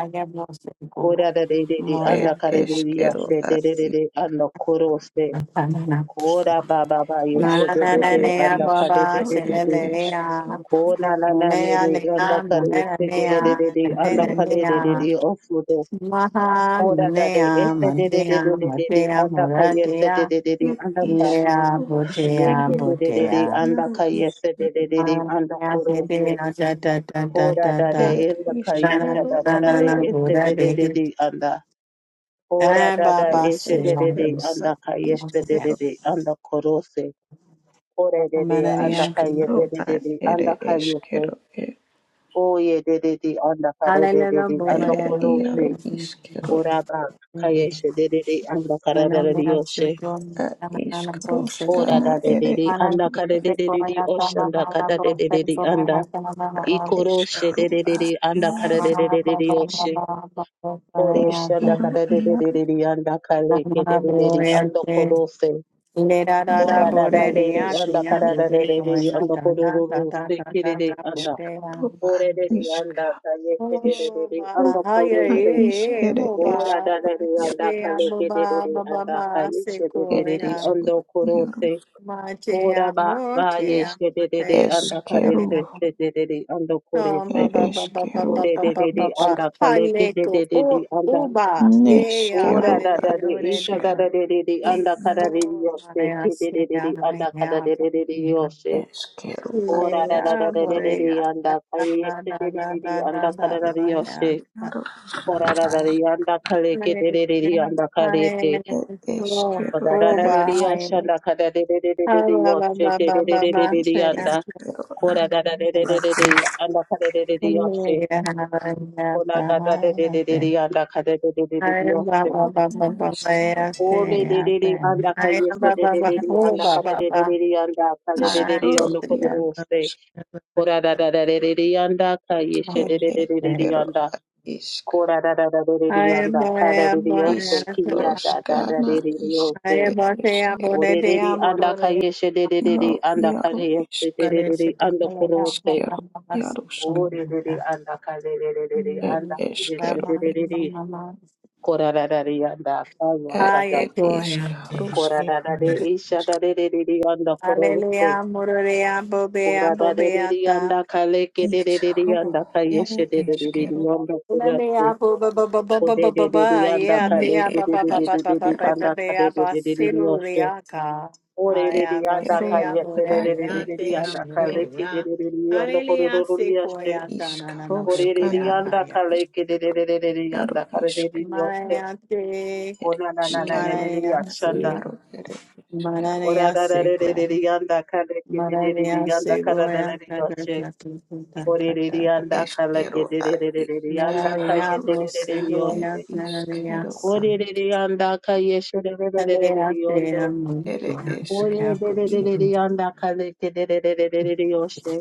[SPEAKER 3] Kora da de de de
[SPEAKER 2] er
[SPEAKER 3] anda kale de de ya
[SPEAKER 2] eskero
[SPEAKER 3] se
[SPEAKER 2] a
[SPEAKER 3] de de de de anda koro se. Kora ba ba ba ya se de de
[SPEAKER 2] iskro
[SPEAKER 3] de
[SPEAKER 2] er
[SPEAKER 3] anda kale de
[SPEAKER 2] iskro
[SPEAKER 3] de de
[SPEAKER 2] ere
[SPEAKER 3] de.
[SPEAKER 2] eskero
[SPEAKER 3] O na na na ne ne anda kare se de de de
[SPEAKER 2] an
[SPEAKER 3] de de anda
[SPEAKER 2] ere
[SPEAKER 3] kare de de de
[SPEAKER 2] ausker
[SPEAKER 3] ofudo
[SPEAKER 1] Maha
[SPEAKER 3] koda da de
[SPEAKER 1] Manea
[SPEAKER 3] este de de de
[SPEAKER 1] Manea
[SPEAKER 3] de de de de
[SPEAKER 1] Matea
[SPEAKER 3] anda ka se de
[SPEAKER 1] Moratea
[SPEAKER 3] de de de anda ka
[SPEAKER 1] Lea
[SPEAKER 2] iskero
[SPEAKER 3] ye
[SPEAKER 1] Botea
[SPEAKER 3] ke
[SPEAKER 2] skero
[SPEAKER 3] de de de
[SPEAKER 2] na
[SPEAKER 3] de
[SPEAKER 1] Botea
[SPEAKER 3] anda
[SPEAKER 2] iaro
[SPEAKER 3] ka se de
[SPEAKER 2] iskero
[SPEAKER 3] de de de anda
[SPEAKER 1] Manea
[SPEAKER 3] koro se
[SPEAKER 1] Sebea Da Da Da Da
[SPEAKER 3] koda
[SPEAKER 1] Da
[SPEAKER 3] da de
[SPEAKER 1] Da
[SPEAKER 2] ere
[SPEAKER 3] anda ka
[SPEAKER 1] Na
[SPEAKER 3] yisa
[SPEAKER 2] iskero
[SPEAKER 3] da da
[SPEAKER 1] Na Na
[SPEAKER 3] da
[SPEAKER 1] Na
[SPEAKER 3] de
[SPEAKER 1] Na
[SPEAKER 2] iaro
[SPEAKER 3] ese
[SPEAKER 1] Buddha
[SPEAKER 3] de de de
[SPEAKER 1] Dehi
[SPEAKER 3] de anda koda da da
[SPEAKER 2] isker
[SPEAKER 1] Ababa
[SPEAKER 3] ese de de de
[SPEAKER 2] eskero
[SPEAKER 1] Silanus
[SPEAKER 2] a
[SPEAKER 3] anda ka yese de de
[SPEAKER 2] iskero
[SPEAKER 3] de anda koro se koda de de anda
[SPEAKER 1] Manea
[SPEAKER 3] ka
[SPEAKER 2] iskro
[SPEAKER 3] yese de de
[SPEAKER 2] an
[SPEAKER 3] de
[SPEAKER 2] ere
[SPEAKER 3] anda ka yese
[SPEAKER 2] eskero er
[SPEAKER 3] Oye de de de anda kare de de
[SPEAKER 1] Hallelujah
[SPEAKER 3] de anda
[SPEAKER 2] ere iaro
[SPEAKER 3] korose
[SPEAKER 1] Boya
[SPEAKER 2] iskero
[SPEAKER 3] oraba
[SPEAKER 1] Manea
[SPEAKER 3] kayeshe de de de anda kare de de de yoshe
[SPEAKER 2] a
[SPEAKER 1] Sikon Manana Bosiko
[SPEAKER 3] ora
[SPEAKER 2] ishkarushkana
[SPEAKER 3] da de
[SPEAKER 2] ere
[SPEAKER 3] de de
[SPEAKER 1] Mana
[SPEAKER 3] anda kare
[SPEAKER 2] ishkeru
[SPEAKER 1] se
[SPEAKER 3] de de de de
[SPEAKER 1] koya dana
[SPEAKER 3] oshanda
[SPEAKER 1] mana
[SPEAKER 3] kada
[SPEAKER 1] bo
[SPEAKER 3] de de de de
[SPEAKER 1] koya na
[SPEAKER 3] anda
[SPEAKER 1] dana
[SPEAKER 2] a
[SPEAKER 1] mana bo
[SPEAKER 3] ikoroshe
[SPEAKER 2] ishkaru
[SPEAKER 3] de de
[SPEAKER 2] a
[SPEAKER 3] de de anda kare
[SPEAKER 2] yaru
[SPEAKER 3] de de
[SPEAKER 1] mana
[SPEAKER 3] de
[SPEAKER 1] bo
[SPEAKER 3] de de yoshe
[SPEAKER 1] mana bo
[SPEAKER 3] ore
[SPEAKER 1] koya
[SPEAKER 3] shanda
[SPEAKER 2] ishkeru
[SPEAKER 1] dana
[SPEAKER 3] kada de de
[SPEAKER 2] yaru
[SPEAKER 3] de de de anda kare ke de
[SPEAKER 1] dana
[SPEAKER 3] de de
[SPEAKER 1] bo
[SPEAKER 3] de anda korose
[SPEAKER 1] le da da da
[SPEAKER 3] ora
[SPEAKER 2] yaru
[SPEAKER 1] bo
[SPEAKER 3] da da
[SPEAKER 1] re
[SPEAKER 2] ere
[SPEAKER 3] de
[SPEAKER 1] di
[SPEAKER 3] de
[SPEAKER 1] ya
[SPEAKER 3] anda
[SPEAKER 2] ishkaru
[SPEAKER 3] kare de de de de
[SPEAKER 1] koya
[SPEAKER 3] anda
[SPEAKER 1] dana da da
[SPEAKER 3] korose
[SPEAKER 1] da
[SPEAKER 3] kire
[SPEAKER 1] da
[SPEAKER 3] de
[SPEAKER 1] da
[SPEAKER 3] de
[SPEAKER 1] bo
[SPEAKER 3] anda
[SPEAKER 1] de
[SPEAKER 2] ishkaru a
[SPEAKER 3] ore de de
[SPEAKER 2] ishka
[SPEAKER 3] anda kayeshe de de de de
[SPEAKER 2] ishkaru
[SPEAKER 3] anda
[SPEAKER 1] ba ha ye
[SPEAKER 2] a
[SPEAKER 3] korose
[SPEAKER 2] ish
[SPEAKER 1] ye
[SPEAKER 2] ere
[SPEAKER 1] bo
[SPEAKER 2] ish
[SPEAKER 3] Ora
[SPEAKER 1] ba
[SPEAKER 3] da da ri
[SPEAKER 2] yaru
[SPEAKER 3] anda
[SPEAKER 1] ye ya
[SPEAKER 3] kale
[SPEAKER 1] bo
[SPEAKER 3] de de de
[SPEAKER 1] ba
[SPEAKER 3] de
[SPEAKER 1] ba ba
[SPEAKER 3] anda
[SPEAKER 1] ba
[SPEAKER 3] kale
[SPEAKER 1] se
[SPEAKER 3] she de de
[SPEAKER 2] ere
[SPEAKER 3] de de
[SPEAKER 1] koya
[SPEAKER 2] ishkeru
[SPEAKER 3] ando
[SPEAKER 2] yaru
[SPEAKER 3] korose.
[SPEAKER 1] ma te
[SPEAKER 3] Ora
[SPEAKER 1] ya
[SPEAKER 3] ba ba
[SPEAKER 1] te
[SPEAKER 3] ye
[SPEAKER 1] ya
[SPEAKER 3] she de de de
[SPEAKER 1] te
[SPEAKER 3] anda kale
[SPEAKER 2] ishkeru
[SPEAKER 1] ya
[SPEAKER 3] de de de de de ando
[SPEAKER 1] Oh, ma
[SPEAKER 3] korese.
[SPEAKER 2] ere
[SPEAKER 1] ba ba ba ba ba
[SPEAKER 2] ishkeru
[SPEAKER 3] O de
[SPEAKER 1] ba
[SPEAKER 3] de
[SPEAKER 2] a
[SPEAKER 1] ba
[SPEAKER 3] de
[SPEAKER 1] ba
[SPEAKER 3] de
[SPEAKER 1] ba.
[SPEAKER 2] ishka
[SPEAKER 3] anda kale ke de
[SPEAKER 1] Haneto
[SPEAKER 3] de de
[SPEAKER 1] oh,
[SPEAKER 3] de anda.
[SPEAKER 1] uba. Yeah,
[SPEAKER 2] neshkeru
[SPEAKER 3] Ora da
[SPEAKER 2] a
[SPEAKER 3] da de isha da
[SPEAKER 2] ishkaru
[SPEAKER 3] da
[SPEAKER 1] hallelujah.
[SPEAKER 3] de de de anda
[SPEAKER 2] yaru
[SPEAKER 3] kara de
[SPEAKER 1] Oh,
[SPEAKER 3] yose
[SPEAKER 1] my
[SPEAKER 3] ke
[SPEAKER 1] ass.
[SPEAKER 3] de de de
[SPEAKER 1] Yeah,
[SPEAKER 3] de anda kara de de de de
[SPEAKER 1] yeah.
[SPEAKER 3] yose.
[SPEAKER 2] ishkeru a
[SPEAKER 3] Ora da da da
[SPEAKER 1] Yeah,
[SPEAKER 3] de de
[SPEAKER 2] ishkaru
[SPEAKER 3] de
[SPEAKER 1] boy.
[SPEAKER 3] de
[SPEAKER 1] Yeah, da
[SPEAKER 3] anda kale
[SPEAKER 1] da
[SPEAKER 3] she
[SPEAKER 1] da
[SPEAKER 3] de de
[SPEAKER 1] da
[SPEAKER 3] de
[SPEAKER 1] da
[SPEAKER 3] de
[SPEAKER 1] da
[SPEAKER 3] anda
[SPEAKER 1] da.
[SPEAKER 3] kara de
[SPEAKER 1] boy, Yeah,
[SPEAKER 3] yose.
[SPEAKER 1] da
[SPEAKER 2] yaru
[SPEAKER 3] Ora da
[SPEAKER 1] da
[SPEAKER 3] da de anda kale ke de de de de anda kare te.
[SPEAKER 1] da.
[SPEAKER 2] ere
[SPEAKER 1] Oh,
[SPEAKER 3] Oda ra
[SPEAKER 1] oh,
[SPEAKER 3] ra
[SPEAKER 2] ishkeru
[SPEAKER 3] re re ya
[SPEAKER 1] bye.
[SPEAKER 3] shanda ka da re re re re
[SPEAKER 1] Ah,
[SPEAKER 3] re
[SPEAKER 1] ba
[SPEAKER 3] ya
[SPEAKER 1] ba
[SPEAKER 3] se
[SPEAKER 1] ba
[SPEAKER 3] re
[SPEAKER 1] ba
[SPEAKER 3] re
[SPEAKER 1] ba
[SPEAKER 3] re
[SPEAKER 1] ba.
[SPEAKER 3] re re ya
[SPEAKER 1] Yeah.
[SPEAKER 3] nda
[SPEAKER 2] Eskero
[SPEAKER 3] kora da ra re re re ya anda ka re re re ya se
[SPEAKER 1] Yeah,
[SPEAKER 3] kola ka da da da
[SPEAKER 1] yeah,
[SPEAKER 3] re
[SPEAKER 1] yeah.
[SPEAKER 3] re ya anda ka da re re re ya se
[SPEAKER 1] Hallelujah, Murray,
[SPEAKER 2] neskero
[SPEAKER 3] o re re re ya anda ka ye
[SPEAKER 2] eko
[SPEAKER 3] se re re re
[SPEAKER 2] are
[SPEAKER 3] re ya anda ka
[SPEAKER 2] isk
[SPEAKER 3] re re re ya nda ka re re
[SPEAKER 2] isko
[SPEAKER 3] re ya no
[SPEAKER 2] ia
[SPEAKER 3] kola se
[SPEAKER 2] isk
[SPEAKER 3] kora da da da re re ya anda ka ye se
[SPEAKER 2] er
[SPEAKER 3] re re re re
[SPEAKER 2] eskero
[SPEAKER 3] ya nda
[SPEAKER 2] isk
[SPEAKER 3] kora da da da re re ya nda ka re re ya se ki ya da da da
[SPEAKER 2] iskroskana
[SPEAKER 3] re re ya
[SPEAKER 2] isk
[SPEAKER 3] se.
[SPEAKER 2] er eskero
[SPEAKER 3] Orereri anda kayeshe
[SPEAKER 2] no
[SPEAKER 3] derereri anda
[SPEAKER 2] iaro
[SPEAKER 3] kayeshe
[SPEAKER 2] isk
[SPEAKER 3] derereri anda kurose.
[SPEAKER 2] iskero iarusk
[SPEAKER 3] Orereri anda karererereri
[SPEAKER 2] er
[SPEAKER 3] anda kayeshe
[SPEAKER 2] eskero
[SPEAKER 3] derereri. Korararari anda kaya
[SPEAKER 2] er
[SPEAKER 3] sada.
[SPEAKER 2] er isk rusk er
[SPEAKER 3] Korararare isha derereri anda kurose.
[SPEAKER 1] Bobea,
[SPEAKER 3] Korararari
[SPEAKER 1] Bobeata.
[SPEAKER 3] anda kaleke derereri
[SPEAKER 2] iskro
[SPEAKER 3] anda
[SPEAKER 2] er
[SPEAKER 3] kayeshe derereri
[SPEAKER 2] eskero
[SPEAKER 3] anda kurose.
[SPEAKER 1] Hallelujah.
[SPEAKER 3] Orereri anda
[SPEAKER 2] ne
[SPEAKER 3] kaleke
[SPEAKER 2] er
[SPEAKER 3] derereri
[SPEAKER 2] iskero
[SPEAKER 3] anda karererereri Ore re re anda
[SPEAKER 2] eskero
[SPEAKER 3] ka yese re
[SPEAKER 2] ad
[SPEAKER 3] re re re
[SPEAKER 2] er
[SPEAKER 3] re re anda ka
[SPEAKER 2] eskero
[SPEAKER 3] leke re re re re anda koro ro ro re yase. ore
[SPEAKER 2] Ishkaroshka
[SPEAKER 3] Orereri
[SPEAKER 2] na
[SPEAKER 3] andaka
[SPEAKER 2] ed
[SPEAKER 3] yeserererereri
[SPEAKER 2] ishkero
[SPEAKER 3] andaka lekererereri andokorororori yashe. Orereri andaka lekerererereri andaka
[SPEAKER 2] ishk
[SPEAKER 3] rereri yose.
[SPEAKER 2] ed ishkero
[SPEAKER 3] Onananananeri
[SPEAKER 2] na
[SPEAKER 3] yashanda.
[SPEAKER 2] iaro ere ishkero
[SPEAKER 3] Orararerereri andaka lekererereri andaka rarareri yoshe. Orereri andaka
[SPEAKER 2] eskero a
[SPEAKER 3] lekerererereri andaka
[SPEAKER 2] ishkaroshka
[SPEAKER 3] yetererereri
[SPEAKER 2] ed
[SPEAKER 3] yose.
[SPEAKER 2] ishkero a
[SPEAKER 3] Korereri andaka
[SPEAKER 1] Hallelujah.
[SPEAKER 3] yeserererereri yondo.
[SPEAKER 2] ere
[SPEAKER 3] ore
[SPEAKER 2] ishkero i
[SPEAKER 3] Orerererereri andaka lekerererereri yoshe.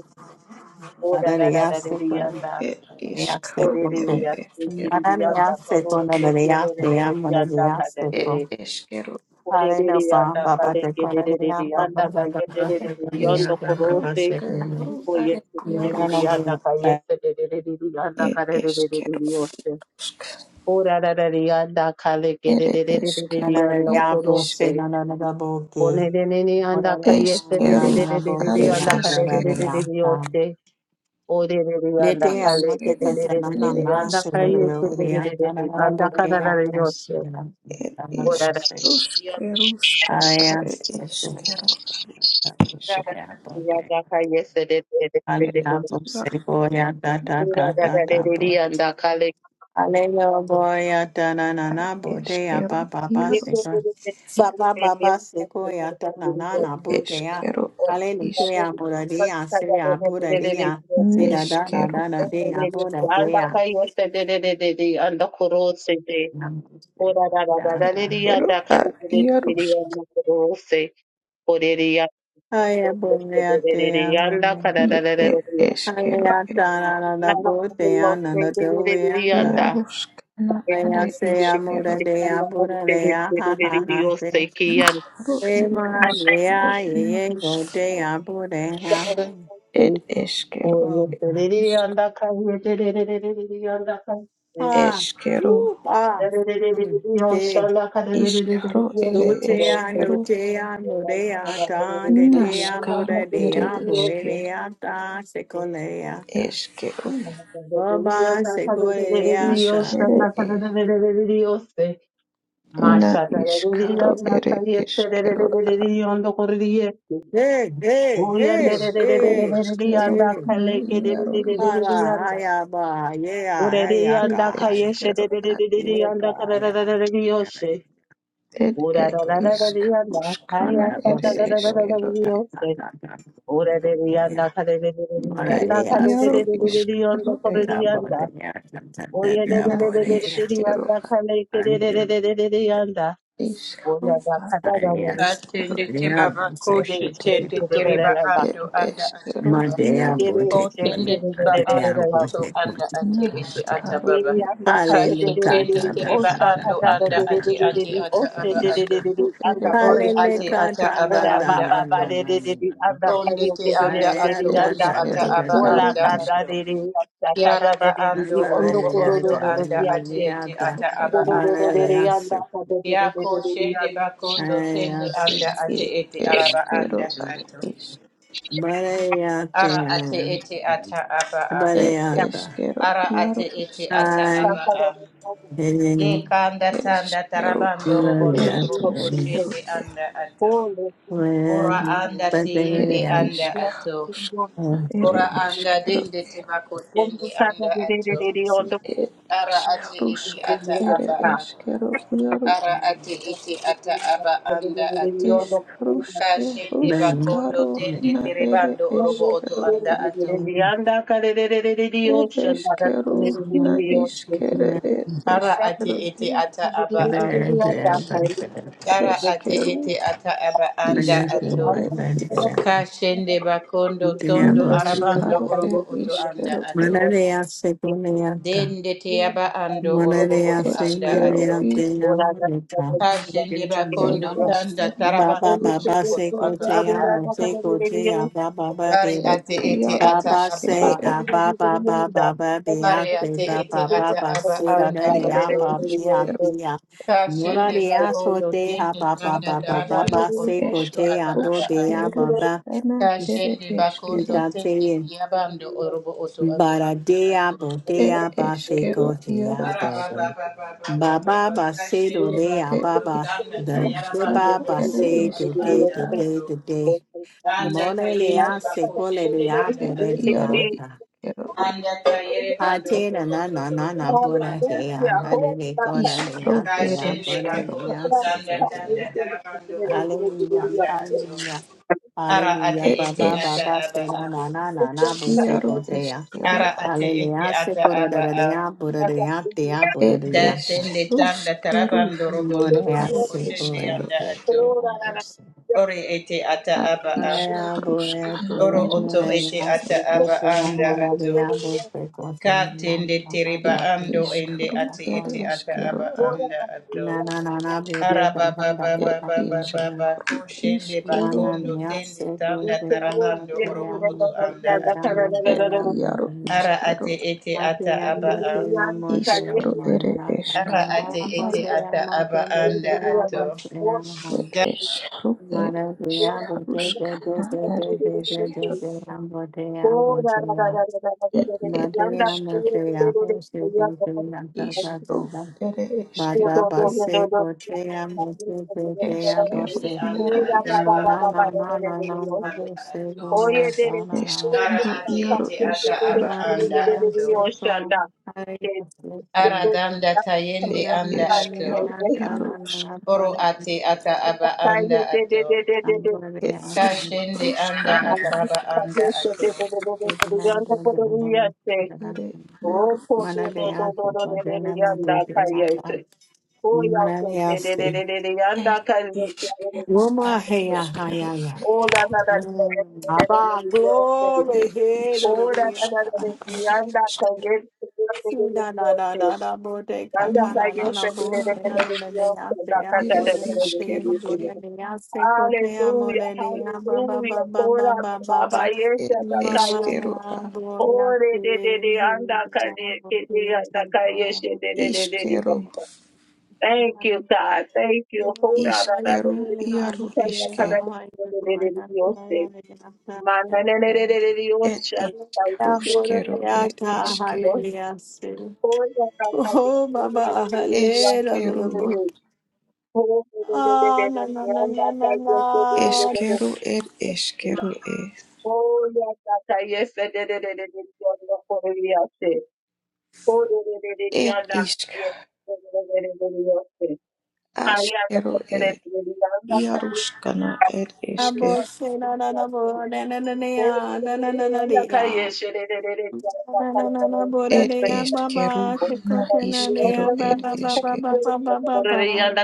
[SPEAKER 3] Ora ra ra ra re yanda,
[SPEAKER 2] ed ishkaro
[SPEAKER 3] ore re re
[SPEAKER 2] ere
[SPEAKER 3] ya se ke
[SPEAKER 2] ishkero
[SPEAKER 3] re re yanda, koro se ke re re re yanda ka re re
[SPEAKER 2] ed
[SPEAKER 3] re,
[SPEAKER 2] ishkero
[SPEAKER 3] ore re re yanda ka le ke re re re re yanda ka ye re re re re re yanda koro se,
[SPEAKER 2] ishkaroshka ru
[SPEAKER 3] o ye
[SPEAKER 2] are
[SPEAKER 3] se re re re re
[SPEAKER 2] iaroshka
[SPEAKER 3] yanda ka ye se re re re re re yanda
[SPEAKER 2] ed
[SPEAKER 3] ka re re re re re
[SPEAKER 2] ishkero
[SPEAKER 3] re yo se,
[SPEAKER 2] ishk
[SPEAKER 3] ora ra ra re yanda ka le ke re
[SPEAKER 2] ere
[SPEAKER 3] re re re re re re
[SPEAKER 2] ishkero
[SPEAKER 3] yanda
[SPEAKER 2] ed
[SPEAKER 3] koro
[SPEAKER 2] ishk
[SPEAKER 3] se, one re re re yanda ka ye se re
[SPEAKER 2] eshkero
[SPEAKER 3] re re re re re re
[SPEAKER 2] are
[SPEAKER 3] yanda ka re re
[SPEAKER 2] eskero
[SPEAKER 3] re re re re yo se. Orerere yanda
[SPEAKER 1] Lete amo
[SPEAKER 3] kare
[SPEAKER 1] te
[SPEAKER 2] Eskero,
[SPEAKER 1] cantana
[SPEAKER 2] ere
[SPEAKER 3] kererere
[SPEAKER 1] mamá,
[SPEAKER 3] yanda
[SPEAKER 1] te lo
[SPEAKER 3] kaye
[SPEAKER 2] eskero,
[SPEAKER 1] gloria,
[SPEAKER 3] kererere
[SPEAKER 1] gana la
[SPEAKER 3] yanda
[SPEAKER 1] boquea,
[SPEAKER 3] kararare
[SPEAKER 1] pues,
[SPEAKER 3] yose.
[SPEAKER 2] er
[SPEAKER 1] dama
[SPEAKER 3] Orara
[SPEAKER 2] iskero,
[SPEAKER 1] consejo.
[SPEAKER 2] skero, ska,
[SPEAKER 1] Ay,
[SPEAKER 2] are
[SPEAKER 1] hasta tu,
[SPEAKER 2] eskero, are
[SPEAKER 1] la
[SPEAKER 2] eskero,
[SPEAKER 1] boquea, bote.
[SPEAKER 3] yanda kaye sererere
[SPEAKER 1] Alia,
[SPEAKER 3] sererere.
[SPEAKER 2] iaru
[SPEAKER 1] consejo, ya, da, da, da, da, da,
[SPEAKER 3] Orarararere
[SPEAKER 1] bote.
[SPEAKER 3] yanda kare
[SPEAKER 1] Aleluya, boya, da, na, na, na, bote, ya, pa,
[SPEAKER 2] eskero,
[SPEAKER 1] pa, pa,
[SPEAKER 3] kererere
[SPEAKER 2] iaru
[SPEAKER 1] seco.
[SPEAKER 3] sererere
[SPEAKER 1] Ba, ba, ba,
[SPEAKER 3] sererere
[SPEAKER 1] ba, seco, ya, da, na, na,
[SPEAKER 2] er
[SPEAKER 1] na,
[SPEAKER 3] yose.
[SPEAKER 1] bote, ya.
[SPEAKER 2] eskero, a isk,
[SPEAKER 1] Aleluya,
[SPEAKER 3] Orarararere yose.
[SPEAKER 1] buradia,
[SPEAKER 3] Orarararere
[SPEAKER 1] sea,
[SPEAKER 3] yanda
[SPEAKER 1] buradia, se, da, da, da,
[SPEAKER 2] neskero,
[SPEAKER 1] da, da,
[SPEAKER 2] a
[SPEAKER 1] de,
[SPEAKER 2] iskero,
[SPEAKER 1] ya,
[SPEAKER 3] kaye sererere yanda korose de. Orarararere yanda
[SPEAKER 2] a
[SPEAKER 3] kare
[SPEAKER 2] iaru
[SPEAKER 3] kererere
[SPEAKER 2] ska,
[SPEAKER 3] yanda korose. Orere ya
[SPEAKER 1] Haya bovea
[SPEAKER 3] orere
[SPEAKER 1] dea
[SPEAKER 3] yanda
[SPEAKER 1] molena.
[SPEAKER 2] ni
[SPEAKER 3] karararara
[SPEAKER 2] er
[SPEAKER 3] yanda
[SPEAKER 2] eskero,
[SPEAKER 1] Haya
[SPEAKER 2] er
[SPEAKER 1] dana la la bo dea na la do
[SPEAKER 3] orere
[SPEAKER 1] vea da.
[SPEAKER 3] yanda
[SPEAKER 2] iaru skana,
[SPEAKER 1] Haya
[SPEAKER 2] are
[SPEAKER 1] sea
[SPEAKER 2] eskero,
[SPEAKER 1] mora dea bura dea ha ha ha se.
[SPEAKER 2] iaru er
[SPEAKER 1] Eva
[SPEAKER 2] eskero,
[SPEAKER 1] dea ye ye
[SPEAKER 2] iaru
[SPEAKER 1] go
[SPEAKER 2] ska,
[SPEAKER 1] dea bura ha.
[SPEAKER 2] er eskero,
[SPEAKER 1] Oh,
[SPEAKER 2] er isk,
[SPEAKER 1] ah,
[SPEAKER 2] eskero.
[SPEAKER 1] ooh, ah, mm, de.
[SPEAKER 2] Ishkaro ere
[SPEAKER 1] So dea no
[SPEAKER 2] eskero,
[SPEAKER 1] dea mo dea da de dea
[SPEAKER 2] naskaro
[SPEAKER 1] bura
[SPEAKER 2] ere
[SPEAKER 1] dea bura
[SPEAKER 2] eske,
[SPEAKER 1] dea
[SPEAKER 2] eskero,
[SPEAKER 3] Ora de
[SPEAKER 1] Baba
[SPEAKER 3] rianda, kade de de de rianda,
[SPEAKER 1] Segoriata.
[SPEAKER 2] iskere e,
[SPEAKER 3] kade de de
[SPEAKER 2] na
[SPEAKER 1] Hey,
[SPEAKER 2] iskaro
[SPEAKER 3] de
[SPEAKER 2] ere eskero a,
[SPEAKER 1] hey, hey,
[SPEAKER 2] iskaro
[SPEAKER 1] hey,
[SPEAKER 2] skero
[SPEAKER 1] hey.
[SPEAKER 2] na iaro es,
[SPEAKER 1] para haya, ba, yeah, haya,
[SPEAKER 2] ed
[SPEAKER 1] ka, haya.
[SPEAKER 2] eskero a,
[SPEAKER 1] Yeah, ka, haya.
[SPEAKER 2] ed ed
[SPEAKER 1] Segoria.
[SPEAKER 2] iskaro skana
[SPEAKER 1] Arabo
[SPEAKER 2] ere
[SPEAKER 1] Segoria.
[SPEAKER 2] eskero
[SPEAKER 1] Ta,
[SPEAKER 2] e,
[SPEAKER 1] ta, ta, ta. Segoria.
[SPEAKER 2] ed
[SPEAKER 1] Morarea
[SPEAKER 2] iaro
[SPEAKER 3] de
[SPEAKER 1] Segoria.
[SPEAKER 3] de
[SPEAKER 2] iskero
[SPEAKER 3] rianda,
[SPEAKER 2] e,
[SPEAKER 3] kore rianda.
[SPEAKER 1] Sabotea, ta, ta, ta,
[SPEAKER 3] Oya de
[SPEAKER 1] ta,
[SPEAKER 3] de
[SPEAKER 2] na
[SPEAKER 3] de de
[SPEAKER 1] borea.
[SPEAKER 3] de de de
[SPEAKER 2] iskero
[SPEAKER 3] yanda
[SPEAKER 2] a,
[SPEAKER 3] kale ke de de de
[SPEAKER 1] Area,
[SPEAKER 3] de de de de yanda.
[SPEAKER 2] iskaro
[SPEAKER 3] Oya da
[SPEAKER 2] a,
[SPEAKER 3] kada da
[SPEAKER 2] ed
[SPEAKER 3] da
[SPEAKER 1] area,
[SPEAKER 3] de
[SPEAKER 2] eskero
[SPEAKER 4] Atende
[SPEAKER 2] e.
[SPEAKER 1] area,
[SPEAKER 4] tibaba
[SPEAKER 3] kere
[SPEAKER 4] koshe
[SPEAKER 3] işte
[SPEAKER 4] tende
[SPEAKER 3] kere
[SPEAKER 1] Segoria.
[SPEAKER 3] böyle
[SPEAKER 4] tiriba
[SPEAKER 3] la bak.
[SPEAKER 2] It
[SPEAKER 4] ando anda
[SPEAKER 2] is Yaru
[SPEAKER 4] atibaba.
[SPEAKER 1] Madea
[SPEAKER 3] Kere
[SPEAKER 1] bote
[SPEAKER 4] O
[SPEAKER 3] işte
[SPEAKER 1] kwele,
[SPEAKER 4] tende
[SPEAKER 3] kere böyle
[SPEAKER 4] tiba
[SPEAKER 3] de de de
[SPEAKER 1] madea
[SPEAKER 3] la
[SPEAKER 4] ando oto
[SPEAKER 1] bote
[SPEAKER 4] anda
[SPEAKER 1] kote,
[SPEAKER 4] ate ete
[SPEAKER 1] bote.
[SPEAKER 2] Nashkaru
[SPEAKER 3] Kere
[SPEAKER 4] atababa.
[SPEAKER 2] it
[SPEAKER 3] yanda
[SPEAKER 2] is
[SPEAKER 3] kade de
[SPEAKER 4] Kashe
[SPEAKER 3] de
[SPEAKER 1] Hallelujah.
[SPEAKER 3] de de
[SPEAKER 4] tende
[SPEAKER 3] de.
[SPEAKER 2] Yarus
[SPEAKER 4] tiriba
[SPEAKER 3] Oşta
[SPEAKER 4] ando
[SPEAKER 3] kada da
[SPEAKER 4] anda
[SPEAKER 3] de de de
[SPEAKER 4] ate
[SPEAKER 3] de de
[SPEAKER 4] ate
[SPEAKER 3] de.
[SPEAKER 4] ata
[SPEAKER 3] Oşta
[SPEAKER 4] aba
[SPEAKER 3] de de de
[SPEAKER 4] ato.
[SPEAKER 3] de de.
[SPEAKER 2] Iskaru
[SPEAKER 3] Yanda
[SPEAKER 2] it
[SPEAKER 4] Ore
[SPEAKER 3] kale
[SPEAKER 2] is
[SPEAKER 3] ke.
[SPEAKER 4] ate
[SPEAKER 2] Yaru
[SPEAKER 4] ata aba
[SPEAKER 3] Oya ba
[SPEAKER 4] anda
[SPEAKER 3] ba ba
[SPEAKER 4] ato.
[SPEAKER 3] de de de de. Yanda kale
[SPEAKER 4] Onde
[SPEAKER 3] ke
[SPEAKER 4] te
[SPEAKER 3] de de de
[SPEAKER 4] anda
[SPEAKER 3] de de
[SPEAKER 4] ato oto
[SPEAKER 3] yanda.
[SPEAKER 4] ata
[SPEAKER 2] Eskaru
[SPEAKER 4] aba
[SPEAKER 3] Ola
[SPEAKER 2] Yaru
[SPEAKER 4] anda
[SPEAKER 3] kada
[SPEAKER 4] ato.
[SPEAKER 2] Iskaru
[SPEAKER 3] de de yanda kada
[SPEAKER 4] Yaraba
[SPEAKER 3] de de de de.
[SPEAKER 4] ando
[SPEAKER 3] Ondo
[SPEAKER 4] orobo
[SPEAKER 3] kudo do
[SPEAKER 4] ondo
[SPEAKER 3] do do de
[SPEAKER 4] anda ate
[SPEAKER 3] yanda.
[SPEAKER 4] ete ata
[SPEAKER 2] it
[SPEAKER 4] aba
[SPEAKER 3] Kudo do do
[SPEAKER 4] anda
[SPEAKER 3] de de
[SPEAKER 4] ato.
[SPEAKER 3] yanda kada de de de
[SPEAKER 4] Yako
[SPEAKER 3] de de
[SPEAKER 4] shende
[SPEAKER 3] yanda.
[SPEAKER 4] bakondo tende anda ate ete
[SPEAKER 2] is
[SPEAKER 4] araba
[SPEAKER 2] Yaru
[SPEAKER 4] anda ato.
[SPEAKER 2] is
[SPEAKER 4] Ara ate
[SPEAKER 1] Mariata,
[SPEAKER 4] ete ata aba a.
[SPEAKER 2] it is
[SPEAKER 1] Mariata,
[SPEAKER 2] Yaru
[SPEAKER 4] Ara
[SPEAKER 2] Yaru
[SPEAKER 4] ate
[SPEAKER 2] is
[SPEAKER 4] ete ata aba a. De
[SPEAKER 1] Hidden
[SPEAKER 4] kanda tanda
[SPEAKER 2] Eskaru
[SPEAKER 4] tarabando
[SPEAKER 1] glory
[SPEAKER 4] robondo
[SPEAKER 2] it
[SPEAKER 1] after
[SPEAKER 4] torobo
[SPEAKER 2] is
[SPEAKER 1] them.
[SPEAKER 4] koshende
[SPEAKER 2] Yaru
[SPEAKER 4] anda ato. Ora
[SPEAKER 1] When
[SPEAKER 4] anda
[SPEAKER 1] but they were
[SPEAKER 2] it
[SPEAKER 4] teende
[SPEAKER 2] is
[SPEAKER 4] anda ato.
[SPEAKER 2] Karusk
[SPEAKER 1] after
[SPEAKER 2] it
[SPEAKER 4] Ora
[SPEAKER 1] them.
[SPEAKER 2] is
[SPEAKER 4] anda
[SPEAKER 2] Yaru
[SPEAKER 4] dende tebako tende anda ato.
[SPEAKER 2] it
[SPEAKER 4] Ara
[SPEAKER 2] is
[SPEAKER 4] ate ete
[SPEAKER 2] Karusk
[SPEAKER 4] ata
[SPEAKER 2] it
[SPEAKER 4] aba
[SPEAKER 2] is Yaru
[SPEAKER 4] Ara ate ete ata aba anda ato.
[SPEAKER 2] Išpruškė
[SPEAKER 4] Kashende
[SPEAKER 2] už
[SPEAKER 1] Then
[SPEAKER 4] bakondo
[SPEAKER 2] karo
[SPEAKER 4] tende
[SPEAKER 2] na ir
[SPEAKER 4] terebando orobo oto
[SPEAKER 2] iškėrų
[SPEAKER 4] anda ato.
[SPEAKER 2] ir iškėrų na iškėrė ir
[SPEAKER 4] Ara ate
[SPEAKER 2] iškėrų
[SPEAKER 4] ete
[SPEAKER 2] ir
[SPEAKER 4] ata aba a.
[SPEAKER 1] Bear there, but bear.
[SPEAKER 4] Ara ate
[SPEAKER 2] iškėrų
[SPEAKER 4] ete ata aba
[SPEAKER 1] Bear
[SPEAKER 4] anda
[SPEAKER 1] there,
[SPEAKER 2] iškėrų
[SPEAKER 4] ato.
[SPEAKER 2] ir
[SPEAKER 1] but
[SPEAKER 2] iškėrų
[SPEAKER 1] bear.
[SPEAKER 4] Kashende bakondo
[SPEAKER 1] They are
[SPEAKER 4] tondo
[SPEAKER 2] na
[SPEAKER 1] bossy.
[SPEAKER 4] arabando
[SPEAKER 2] škaro ir
[SPEAKER 4] orobo oto anda
[SPEAKER 2] iškėrų
[SPEAKER 4] ato.
[SPEAKER 1] Mana de hace
[SPEAKER 3] Thank
[SPEAKER 1] coleata.
[SPEAKER 4] Dende te aba ando
[SPEAKER 1] Mana
[SPEAKER 4] orobo
[SPEAKER 1] de
[SPEAKER 2] ir
[SPEAKER 4] oto
[SPEAKER 1] hace
[SPEAKER 4] anda
[SPEAKER 1] la
[SPEAKER 2] iškėrų
[SPEAKER 1] de
[SPEAKER 4] ato.
[SPEAKER 1] hace
[SPEAKER 2] ir
[SPEAKER 1] la moreta.
[SPEAKER 4] Kashende bakondo tanda
[SPEAKER 2] iškėrų
[SPEAKER 4] tarabando
[SPEAKER 1] Baba baba
[SPEAKER 4] orobo
[SPEAKER 1] se
[SPEAKER 4] oto ato
[SPEAKER 1] coche
[SPEAKER 4] anda
[SPEAKER 1] amo
[SPEAKER 4] ato.
[SPEAKER 1] se coche a baba
[SPEAKER 4] Ari
[SPEAKER 2] ir
[SPEAKER 4] ate ete
[SPEAKER 2] jaru
[SPEAKER 4] ata
[SPEAKER 1] Baba
[SPEAKER 4] aba.
[SPEAKER 2] iškėrų
[SPEAKER 1] say,
[SPEAKER 4] a
[SPEAKER 2] ir
[SPEAKER 1] ah, ba ba ba ba ba
[SPEAKER 4] Are
[SPEAKER 1] Beyonce,
[SPEAKER 4] ate
[SPEAKER 1] ba
[SPEAKER 4] ete
[SPEAKER 1] ba ba
[SPEAKER 4] ata
[SPEAKER 1] ba
[SPEAKER 4] aba
[SPEAKER 1] say da da
[SPEAKER 4] anda
[SPEAKER 1] da da
[SPEAKER 2] jaru
[SPEAKER 4] ato.
[SPEAKER 1] ba bia
[SPEAKER 2] iškėrų ir iškėrų
[SPEAKER 1] bia.
[SPEAKER 4] Ta
[SPEAKER 1] Yora
[SPEAKER 4] shende
[SPEAKER 1] de aso
[SPEAKER 4] bakondo
[SPEAKER 1] te ha
[SPEAKER 4] tende
[SPEAKER 1] ba ba
[SPEAKER 4] tanda
[SPEAKER 1] ba ba ba
[SPEAKER 4] tarabando
[SPEAKER 1] ba say
[SPEAKER 4] orbo
[SPEAKER 1] ko
[SPEAKER 4] oto
[SPEAKER 1] te
[SPEAKER 4] ata
[SPEAKER 1] a bo
[SPEAKER 4] aba
[SPEAKER 1] be
[SPEAKER 4] a.
[SPEAKER 1] a
[SPEAKER 2] iškėrų
[SPEAKER 1] ba ba.
[SPEAKER 4] Ta
[SPEAKER 2] ir
[SPEAKER 4] shende
[SPEAKER 1] We
[SPEAKER 2] iškėrų
[SPEAKER 4] bakondo
[SPEAKER 1] got
[SPEAKER 4] tende
[SPEAKER 1] saying,
[SPEAKER 4] tiabando orbo oto ato
[SPEAKER 1] but a
[SPEAKER 4] anda
[SPEAKER 1] de a
[SPEAKER 4] ato.
[SPEAKER 1] bo de
[SPEAKER 2] It
[SPEAKER 1] a ba say ko
[SPEAKER 2] iskero
[SPEAKER 1] te
[SPEAKER 2] iaro
[SPEAKER 1] a
[SPEAKER 4] Ara
[SPEAKER 1] ba
[SPEAKER 4] ba
[SPEAKER 2] isk.
[SPEAKER 1] ba.
[SPEAKER 4] ba ba ba ba
[SPEAKER 1] Ba
[SPEAKER 4] ba ba
[SPEAKER 1] ba
[SPEAKER 4] ba.
[SPEAKER 1] ba
[SPEAKER 4] Ta
[SPEAKER 1] say do
[SPEAKER 4] shende
[SPEAKER 1] de a
[SPEAKER 2] It
[SPEAKER 1] ba
[SPEAKER 4] bakondo
[SPEAKER 2] is
[SPEAKER 1] ba.
[SPEAKER 4] tanda
[SPEAKER 1] The de
[SPEAKER 4] tayarabando
[SPEAKER 1] ba
[SPEAKER 2] ruskana
[SPEAKER 1] ba
[SPEAKER 4] orobo
[SPEAKER 2] ere
[SPEAKER 1] say
[SPEAKER 4] oto
[SPEAKER 1] te
[SPEAKER 4] ato
[SPEAKER 1] te
[SPEAKER 2] iskero
[SPEAKER 1] te
[SPEAKER 4] anda
[SPEAKER 3] you.
[SPEAKER 2] a.
[SPEAKER 1] te
[SPEAKER 4] ato.
[SPEAKER 1] te te.
[SPEAKER 4] Anda
[SPEAKER 1] Mole le
[SPEAKER 4] tayende
[SPEAKER 1] a se
[SPEAKER 4] bako
[SPEAKER 1] ko le de
[SPEAKER 4] shende
[SPEAKER 1] a
[SPEAKER 4] anda
[SPEAKER 1] bo
[SPEAKER 2] It
[SPEAKER 1] de de
[SPEAKER 4] ato.
[SPEAKER 2] iaro
[SPEAKER 1] a.
[SPEAKER 2] iskero a.
[SPEAKER 4] Anda tayerebando
[SPEAKER 1] Atena na
[SPEAKER 4] kondo
[SPEAKER 1] na na na
[SPEAKER 4] torbo
[SPEAKER 1] na
[SPEAKER 4] oto
[SPEAKER 1] Buddha
[SPEAKER 4] anda
[SPEAKER 1] Jaya
[SPEAKER 4] ato.
[SPEAKER 1] Hare Kona Jaya
[SPEAKER 2] Iskro
[SPEAKER 1] Jaya
[SPEAKER 2] ere
[SPEAKER 4] Kashende
[SPEAKER 1] Buddha
[SPEAKER 2] iskero a.
[SPEAKER 4] bakondo
[SPEAKER 1] Jaya
[SPEAKER 4] tanda
[SPEAKER 1] Seva
[SPEAKER 4] tanda
[SPEAKER 1] Jaya
[SPEAKER 4] tarabando orobo oto
[SPEAKER 1] Hallelujah
[SPEAKER 4] anda ato.
[SPEAKER 1] Hallelujah
[SPEAKER 4] Ara ate
[SPEAKER 1] Hallelujah
[SPEAKER 2] It
[SPEAKER 4] ete
[SPEAKER 1] Baba
[SPEAKER 4] ata
[SPEAKER 2] is
[SPEAKER 1] Baba
[SPEAKER 4] aba a.
[SPEAKER 1] Sena na na na na Buddha
[SPEAKER 2] iaro
[SPEAKER 1] Jaya
[SPEAKER 2] iskero
[SPEAKER 4] Ara
[SPEAKER 2] a.
[SPEAKER 4] ate ete
[SPEAKER 1] Hallelujah
[SPEAKER 4] ata
[SPEAKER 1] Seva
[SPEAKER 4] aba
[SPEAKER 1] Buddha
[SPEAKER 4] a.
[SPEAKER 1] Jaya Buddha Jaya Jaya Buddha
[SPEAKER 2] It
[SPEAKER 4] Da
[SPEAKER 1] Jaya
[SPEAKER 2] is
[SPEAKER 1] Buddha
[SPEAKER 4] tende tanda
[SPEAKER 2] ruskero
[SPEAKER 4] tarabando robondo
[SPEAKER 1] Jaya
[SPEAKER 4] torobo
[SPEAKER 2] are
[SPEAKER 1] Seva
[SPEAKER 4] koshende
[SPEAKER 1] Buddha
[SPEAKER 2] iskero
[SPEAKER 4] anda
[SPEAKER 1] Dea
[SPEAKER 4] ato.
[SPEAKER 1] Dea Bo Se.
[SPEAKER 4] Ore ete ata
[SPEAKER 2] a.
[SPEAKER 4] aba a.
[SPEAKER 2] Isk
[SPEAKER 1] Maya Boya
[SPEAKER 2] ruskana
[SPEAKER 4] Oro
[SPEAKER 2] ere
[SPEAKER 1] Mora
[SPEAKER 4] oto ete
[SPEAKER 1] Yasti
[SPEAKER 4] ata
[SPEAKER 2] iskero a.
[SPEAKER 4] aba
[SPEAKER 1] Kotia
[SPEAKER 4] anda
[SPEAKER 1] Mora
[SPEAKER 4] ato.
[SPEAKER 1] Diabo Sekoto
[SPEAKER 4] Ka tende
[SPEAKER 1] Namaka
[SPEAKER 4] teriba
[SPEAKER 2] It
[SPEAKER 1] Kotia
[SPEAKER 4] ando
[SPEAKER 1] Mora
[SPEAKER 4] ende
[SPEAKER 2] iskro
[SPEAKER 4] ate ete
[SPEAKER 1] Mora
[SPEAKER 2] ere
[SPEAKER 4] ata
[SPEAKER 2] iskero
[SPEAKER 4] aba
[SPEAKER 2] a.
[SPEAKER 1] Diabo
[SPEAKER 4] anda ato.
[SPEAKER 1] Nana Nana Bude Kantanda
[SPEAKER 2] It
[SPEAKER 1] Nana Vinchim
[SPEAKER 4] Arabababababababa
[SPEAKER 2] iskro
[SPEAKER 4] koshende
[SPEAKER 2] iskero.
[SPEAKER 1] Maya
[SPEAKER 4] bakondo tende
[SPEAKER 1] Yasti
[SPEAKER 4] tanda
[SPEAKER 1] Kotia
[SPEAKER 4] tarabando
[SPEAKER 1] Motia
[SPEAKER 4] orobo oto
[SPEAKER 1] Motia Motia
[SPEAKER 4] anda ato.
[SPEAKER 2] It
[SPEAKER 1] Motia Motia Motia
[SPEAKER 2] iaro
[SPEAKER 1] Motia Motia
[SPEAKER 4] Ara
[SPEAKER 2] iskero
[SPEAKER 4] ate ete ata aba
[SPEAKER 1] Motia Motia
[SPEAKER 4] a.
[SPEAKER 2] Iskaru ere
[SPEAKER 4] Ara
[SPEAKER 2] eskeru
[SPEAKER 4] ate ete
[SPEAKER 3] Hallelujah.
[SPEAKER 2] jarus
[SPEAKER 4] ata aba
[SPEAKER 1] Motia
[SPEAKER 4] anda
[SPEAKER 1] Motia
[SPEAKER 4] ato.
[SPEAKER 3] Oh,
[SPEAKER 1] Motia
[SPEAKER 2] ed eskeru ed
[SPEAKER 1] Mother,
[SPEAKER 2] iskaruskana ere eskeru ed ed iska iskaru ere eskeru ed eskeru
[SPEAKER 4] Gende
[SPEAKER 2] jaru
[SPEAKER 4] anda
[SPEAKER 2] isk
[SPEAKER 4] atarabando orobo anda ato. Ara
[SPEAKER 2] eskeru
[SPEAKER 4] ate
[SPEAKER 2] jaru
[SPEAKER 4] ete ata
[SPEAKER 2] iskeru
[SPEAKER 4] aba anda ato. Ara danda tayende
[SPEAKER 2] ed
[SPEAKER 4] anda
[SPEAKER 2] eskeru
[SPEAKER 4] ato.
[SPEAKER 2] jarusk
[SPEAKER 4] Oro ate ata aba anda ato.
[SPEAKER 2] ed
[SPEAKER 4] Kashende anda
[SPEAKER 3] Hallelujah,
[SPEAKER 2] iskaruskana ere
[SPEAKER 4] ataraba anda
[SPEAKER 2] eskeru
[SPEAKER 4] ato.
[SPEAKER 2] ere jaru isk
[SPEAKER 1] Maravilhaste, Padre, na Deus, levanta. Maravilhaste.
[SPEAKER 2] ed iskeru
[SPEAKER 1] Uma
[SPEAKER 2] ad
[SPEAKER 1] reia, raia,
[SPEAKER 2] iskeru
[SPEAKER 1] raia.
[SPEAKER 2] ed
[SPEAKER 1] Abba, glory,
[SPEAKER 2] Ere
[SPEAKER 1] hey,
[SPEAKER 2] ishkarushkana ere ishkeru
[SPEAKER 1] Sida na na na na bo de
[SPEAKER 2] ana
[SPEAKER 1] kata na na na bo de
[SPEAKER 2] ishkaru
[SPEAKER 1] na na na de ya se ya
[SPEAKER 2] ere
[SPEAKER 1] bo de ya se ya
[SPEAKER 2] ishkeru
[SPEAKER 1] bo de de ya se ko te ya mo de de ya ba ba
[SPEAKER 3] hallelujah.
[SPEAKER 1] ba ba ba
[SPEAKER 3] Cora,
[SPEAKER 1] ba ba
[SPEAKER 3] Baba,
[SPEAKER 1] ba
[SPEAKER 2] ere
[SPEAKER 1] ma
[SPEAKER 3] yes,
[SPEAKER 2] iskeru
[SPEAKER 1] ya
[SPEAKER 2] a
[SPEAKER 1] bo ya se
[SPEAKER 3] Ore de de de
[SPEAKER 1] he
[SPEAKER 3] anda ka
[SPEAKER 1] ya
[SPEAKER 3] de
[SPEAKER 1] bo
[SPEAKER 3] de
[SPEAKER 1] de
[SPEAKER 3] de
[SPEAKER 1] ya se
[SPEAKER 3] anda ka
[SPEAKER 1] ba
[SPEAKER 3] yeshe de de
[SPEAKER 1] ya
[SPEAKER 3] de
[SPEAKER 1] ma
[SPEAKER 3] de de.
[SPEAKER 2] Iskeru
[SPEAKER 3] Thank you, God. Thank you. Hold on, da da da
[SPEAKER 2] iskeru
[SPEAKER 1] ye
[SPEAKER 3] da.
[SPEAKER 1] ha
[SPEAKER 2] iaru
[SPEAKER 1] de
[SPEAKER 3] Anda ka
[SPEAKER 1] ya
[SPEAKER 2] iske.
[SPEAKER 3] da
[SPEAKER 1] ha
[SPEAKER 3] de
[SPEAKER 1] ye
[SPEAKER 3] de
[SPEAKER 1] ko
[SPEAKER 3] de
[SPEAKER 1] ma
[SPEAKER 3] de de
[SPEAKER 1] ya se
[SPEAKER 3] yoshe.
[SPEAKER 1] ya de ya
[SPEAKER 3] Manda ne ne
[SPEAKER 1] se
[SPEAKER 3] de de de de
[SPEAKER 2] ed
[SPEAKER 3] yoshe. Anda yeshe.
[SPEAKER 2] ishkarushkeru
[SPEAKER 1] Hallelujah,
[SPEAKER 2] ed ishke
[SPEAKER 1] Hallelujah,
[SPEAKER 3] Ore anda ka
[SPEAKER 1] Oh,
[SPEAKER 3] yeshe de de
[SPEAKER 1] Baba,
[SPEAKER 3] de de de anda
[SPEAKER 1] halera,
[SPEAKER 2] ishkeru
[SPEAKER 3] ka
[SPEAKER 1] Baba.
[SPEAKER 3] yeshe. Ore de de de
[SPEAKER 1] Ah,
[SPEAKER 3] de
[SPEAKER 1] na
[SPEAKER 3] de
[SPEAKER 1] na
[SPEAKER 3] de
[SPEAKER 1] na
[SPEAKER 3] anda
[SPEAKER 1] na
[SPEAKER 3] ka
[SPEAKER 1] na
[SPEAKER 3] yeshe de de de
[SPEAKER 1] na.
[SPEAKER 3] de
[SPEAKER 2] ishkeru ed
[SPEAKER 3] de.
[SPEAKER 2] ishkeru e
[SPEAKER 3] Oh, yes, I yes, de de de de de de. Anda ka yeshe. Oh,
[SPEAKER 2] ed ishk ashkeru e iarushkana ed
[SPEAKER 1] Na
[SPEAKER 2] iske.
[SPEAKER 1] bo se na na na bo na na na na ya na na na na de ya. Na na na na bo da
[SPEAKER 2] ed
[SPEAKER 1] de ya
[SPEAKER 2] ishkeru
[SPEAKER 1] Baba, se
[SPEAKER 2] na
[SPEAKER 1] ko pe na de
[SPEAKER 2] iskeru
[SPEAKER 1] ya
[SPEAKER 2] ed
[SPEAKER 1] Baba Baba
[SPEAKER 2] iske.
[SPEAKER 1] Baba Baba Baba.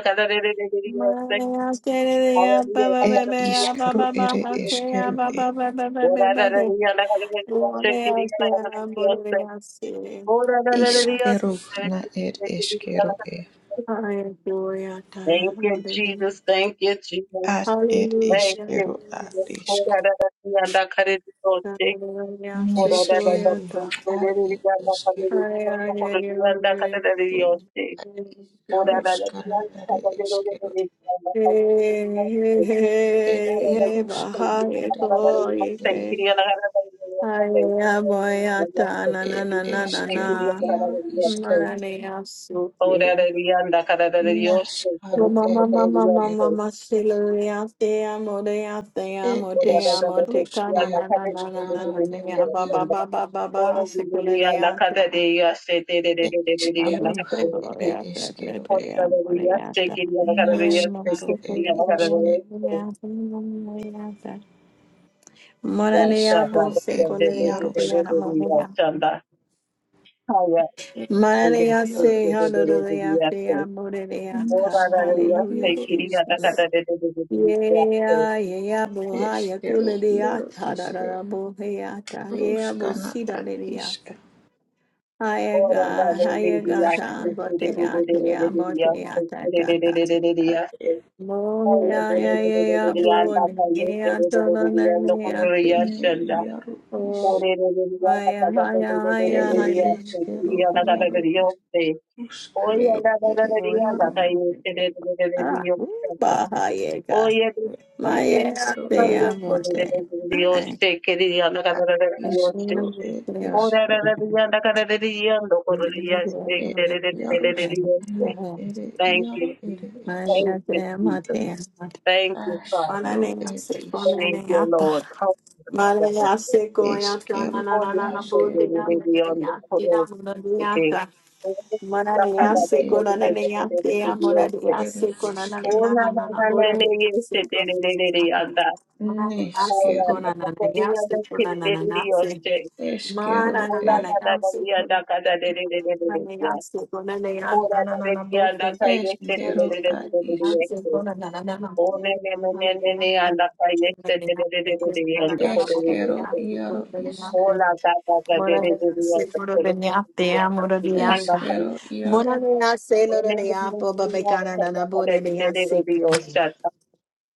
[SPEAKER 1] Ma de ya se de de ya Baba
[SPEAKER 2] Ed
[SPEAKER 1] Baba ya
[SPEAKER 2] iskero
[SPEAKER 1] Baba Baba
[SPEAKER 2] ere
[SPEAKER 1] ha se ya
[SPEAKER 2] eskero e.
[SPEAKER 1] Baba Baba Baba Baba de. Bo de ya se na bo de ya se. Bo de ya se.
[SPEAKER 2] Iskero na ed eskero e.
[SPEAKER 1] Ay, gloria a ta,
[SPEAKER 3] Thank you,
[SPEAKER 1] madre mía.
[SPEAKER 3] Jesus. Thank you, Jesus.
[SPEAKER 2] Ad ed
[SPEAKER 3] Thank
[SPEAKER 1] Aleluya.
[SPEAKER 2] iskero
[SPEAKER 3] you,
[SPEAKER 2] ad
[SPEAKER 3] Jesus.
[SPEAKER 2] isk.
[SPEAKER 3] Ora da da da da da kare di do te.
[SPEAKER 1] Aleluya,
[SPEAKER 3] Ora
[SPEAKER 1] sí,
[SPEAKER 3] da da da da da
[SPEAKER 1] gloria a
[SPEAKER 2] Neskero
[SPEAKER 1] ta.
[SPEAKER 3] da
[SPEAKER 2] ad
[SPEAKER 3] da
[SPEAKER 2] ed eskero.
[SPEAKER 1] Ay, ay, ay, ay, gloria a
[SPEAKER 3] di do
[SPEAKER 1] ti.
[SPEAKER 3] te. Ora
[SPEAKER 1] Eh,
[SPEAKER 3] da da da
[SPEAKER 2] Karuskana
[SPEAKER 3] kare di
[SPEAKER 2] ere
[SPEAKER 3] do te. di do te. Ora da da da da kare
[SPEAKER 2] eskero.
[SPEAKER 3] di
[SPEAKER 1] Hey,
[SPEAKER 3] do te.
[SPEAKER 1] eh,
[SPEAKER 3] Ora da da da da
[SPEAKER 2] Ed
[SPEAKER 1] hey, eh,
[SPEAKER 3] di
[SPEAKER 2] iaruskana
[SPEAKER 1] baja
[SPEAKER 2] ere
[SPEAKER 1] eso,
[SPEAKER 2] iaru
[SPEAKER 3] do
[SPEAKER 1] y
[SPEAKER 3] te.
[SPEAKER 2] ere
[SPEAKER 1] que-
[SPEAKER 2] isk.
[SPEAKER 3] di
[SPEAKER 1] Ay, ay, voy a
[SPEAKER 3] do
[SPEAKER 1] ta, na, na,
[SPEAKER 2] Ed
[SPEAKER 1] na,
[SPEAKER 3] te.
[SPEAKER 1] na, na,
[SPEAKER 3] Thank you,
[SPEAKER 2] eskero
[SPEAKER 1] na.
[SPEAKER 2] iaru iskero.
[SPEAKER 1] Maranea,
[SPEAKER 3] Ora da da da kare di do te. di
[SPEAKER 2] Naskaro
[SPEAKER 1] Mama,
[SPEAKER 2] ed
[SPEAKER 1] mama, mama,
[SPEAKER 3] do
[SPEAKER 2] eskero.
[SPEAKER 1] mama,
[SPEAKER 3] te.
[SPEAKER 1] masiluria, te amo, te amo, te
[SPEAKER 2] Ed
[SPEAKER 1] amo,
[SPEAKER 3] Yes,
[SPEAKER 1] te
[SPEAKER 2] es
[SPEAKER 1] amo, te
[SPEAKER 2] ruske
[SPEAKER 1] cana, na, na, na, na, na,
[SPEAKER 2] ruskara
[SPEAKER 1] na, na,
[SPEAKER 2] ere
[SPEAKER 1] na ba, ba,
[SPEAKER 2] iaru.
[SPEAKER 1] ba, ba, ba, ba, seculareata, na,
[SPEAKER 2] Eskero
[SPEAKER 1] boste,
[SPEAKER 2] ere
[SPEAKER 1] gloria, te, te,
[SPEAKER 2] eskero e.
[SPEAKER 1] te amo, reata. Emo,
[SPEAKER 2] Nashkaro ed ishke,
[SPEAKER 1] seculareata, reata. Maranea,
[SPEAKER 2] ishkaro
[SPEAKER 1] boste,
[SPEAKER 2] ed
[SPEAKER 1] gloria, te
[SPEAKER 2] yaroshk,
[SPEAKER 1] amo, reata.
[SPEAKER 2] eshkero
[SPEAKER 1] Maranea,
[SPEAKER 2] yaro
[SPEAKER 1] se,
[SPEAKER 2] ishke,
[SPEAKER 1] hallelujah, te amo, reata.
[SPEAKER 2] nashkaro
[SPEAKER 1] Hallelujah,
[SPEAKER 2] yaro ishkero,
[SPEAKER 1] Jesus. Yeah, yeah, bohaya
[SPEAKER 2] eshkero yaro
[SPEAKER 1] kuleliata, da da
[SPEAKER 2] ishke,
[SPEAKER 1] da boheata, yeah,
[SPEAKER 2] rushkana
[SPEAKER 1] bosida
[SPEAKER 2] ad ishka,
[SPEAKER 1] leliata. Hayaga, hayagata,
[SPEAKER 2] rushkere ed
[SPEAKER 1] boteata, yeah,
[SPEAKER 2] ishke,
[SPEAKER 1] boteata, tata.
[SPEAKER 2] ad ed
[SPEAKER 3] Thank
[SPEAKER 2] ru
[SPEAKER 3] you,
[SPEAKER 1] Bohea,
[SPEAKER 3] Jesus.
[SPEAKER 2] ed
[SPEAKER 1] yeah, yeah,
[SPEAKER 3] Thank
[SPEAKER 1] yeah,
[SPEAKER 2] ishke,
[SPEAKER 1] da da da leate.
[SPEAKER 2] ne yaro ish,
[SPEAKER 1] Oh, haya, haya, haya,
[SPEAKER 2] ere
[SPEAKER 1] haya.
[SPEAKER 2] eshkero
[SPEAKER 1] Keep
[SPEAKER 2] yaro
[SPEAKER 1] going.
[SPEAKER 2] ish, rushka,
[SPEAKER 1] Yeah,
[SPEAKER 2] ru ere
[SPEAKER 1] more
[SPEAKER 2] yaro
[SPEAKER 1] Ah, bahayega.
[SPEAKER 2] ed
[SPEAKER 1] Maya,
[SPEAKER 2] eshkero ad
[SPEAKER 1] yeah,
[SPEAKER 2] ishka.
[SPEAKER 1] bote.
[SPEAKER 2] Iskaro ere
[SPEAKER 1] Maria
[SPEAKER 2] eskero ere iarus ere iaro ere is
[SPEAKER 3] you, Jesus. Thank you, Father.
[SPEAKER 2] askaro ere is
[SPEAKER 3] Thank you, Lord.
[SPEAKER 1] se coyata
[SPEAKER 2] eskero
[SPEAKER 1] na na na na na
[SPEAKER 2] askero
[SPEAKER 1] bote na
[SPEAKER 2] ere
[SPEAKER 3] Thank
[SPEAKER 1] na na
[SPEAKER 2] is
[SPEAKER 1] na na na na na Mananea
[SPEAKER 2] ne
[SPEAKER 1] seko
[SPEAKER 2] ere is
[SPEAKER 1] nananea tea
[SPEAKER 2] rus
[SPEAKER 1] moranea
[SPEAKER 2] ere
[SPEAKER 1] seko
[SPEAKER 2] eskero
[SPEAKER 1] nanananana moranea seko nananata. Mananea
[SPEAKER 2] neskero
[SPEAKER 1] seko nananea seko nananana se.
[SPEAKER 2] eskero ere
[SPEAKER 1] Mananananea seko nananea seko nananea nananana bote.
[SPEAKER 2] eskero a is
[SPEAKER 1] Mananea seko nananana moranea se. Mananea seko nananana
[SPEAKER 2] eskero
[SPEAKER 1] moranea
[SPEAKER 3] you.
[SPEAKER 1] seko
[SPEAKER 2] iaro
[SPEAKER 1] nananea
[SPEAKER 2] isk
[SPEAKER 1] se.
[SPEAKER 3] Hola, tata, tata,
[SPEAKER 1] Mora
[SPEAKER 3] tere,
[SPEAKER 1] de
[SPEAKER 3] tere,
[SPEAKER 1] ase
[SPEAKER 3] tata,
[SPEAKER 1] puro de
[SPEAKER 3] tere,
[SPEAKER 1] niate
[SPEAKER 3] tere,
[SPEAKER 1] amoro
[SPEAKER 3] tere.
[SPEAKER 1] de
[SPEAKER 3] Manda,
[SPEAKER 1] apa.
[SPEAKER 3] tata,
[SPEAKER 2] eskero iaro
[SPEAKER 1] Mora de ase loro
[SPEAKER 3] tere,
[SPEAKER 1] de
[SPEAKER 3] tere,
[SPEAKER 1] apo
[SPEAKER 3] tere,
[SPEAKER 1] babe cara na
[SPEAKER 3] tata,
[SPEAKER 1] na
[SPEAKER 3] tata,
[SPEAKER 1] bore de
[SPEAKER 3] tere, tere,
[SPEAKER 1] ase.
[SPEAKER 3] tere, tata.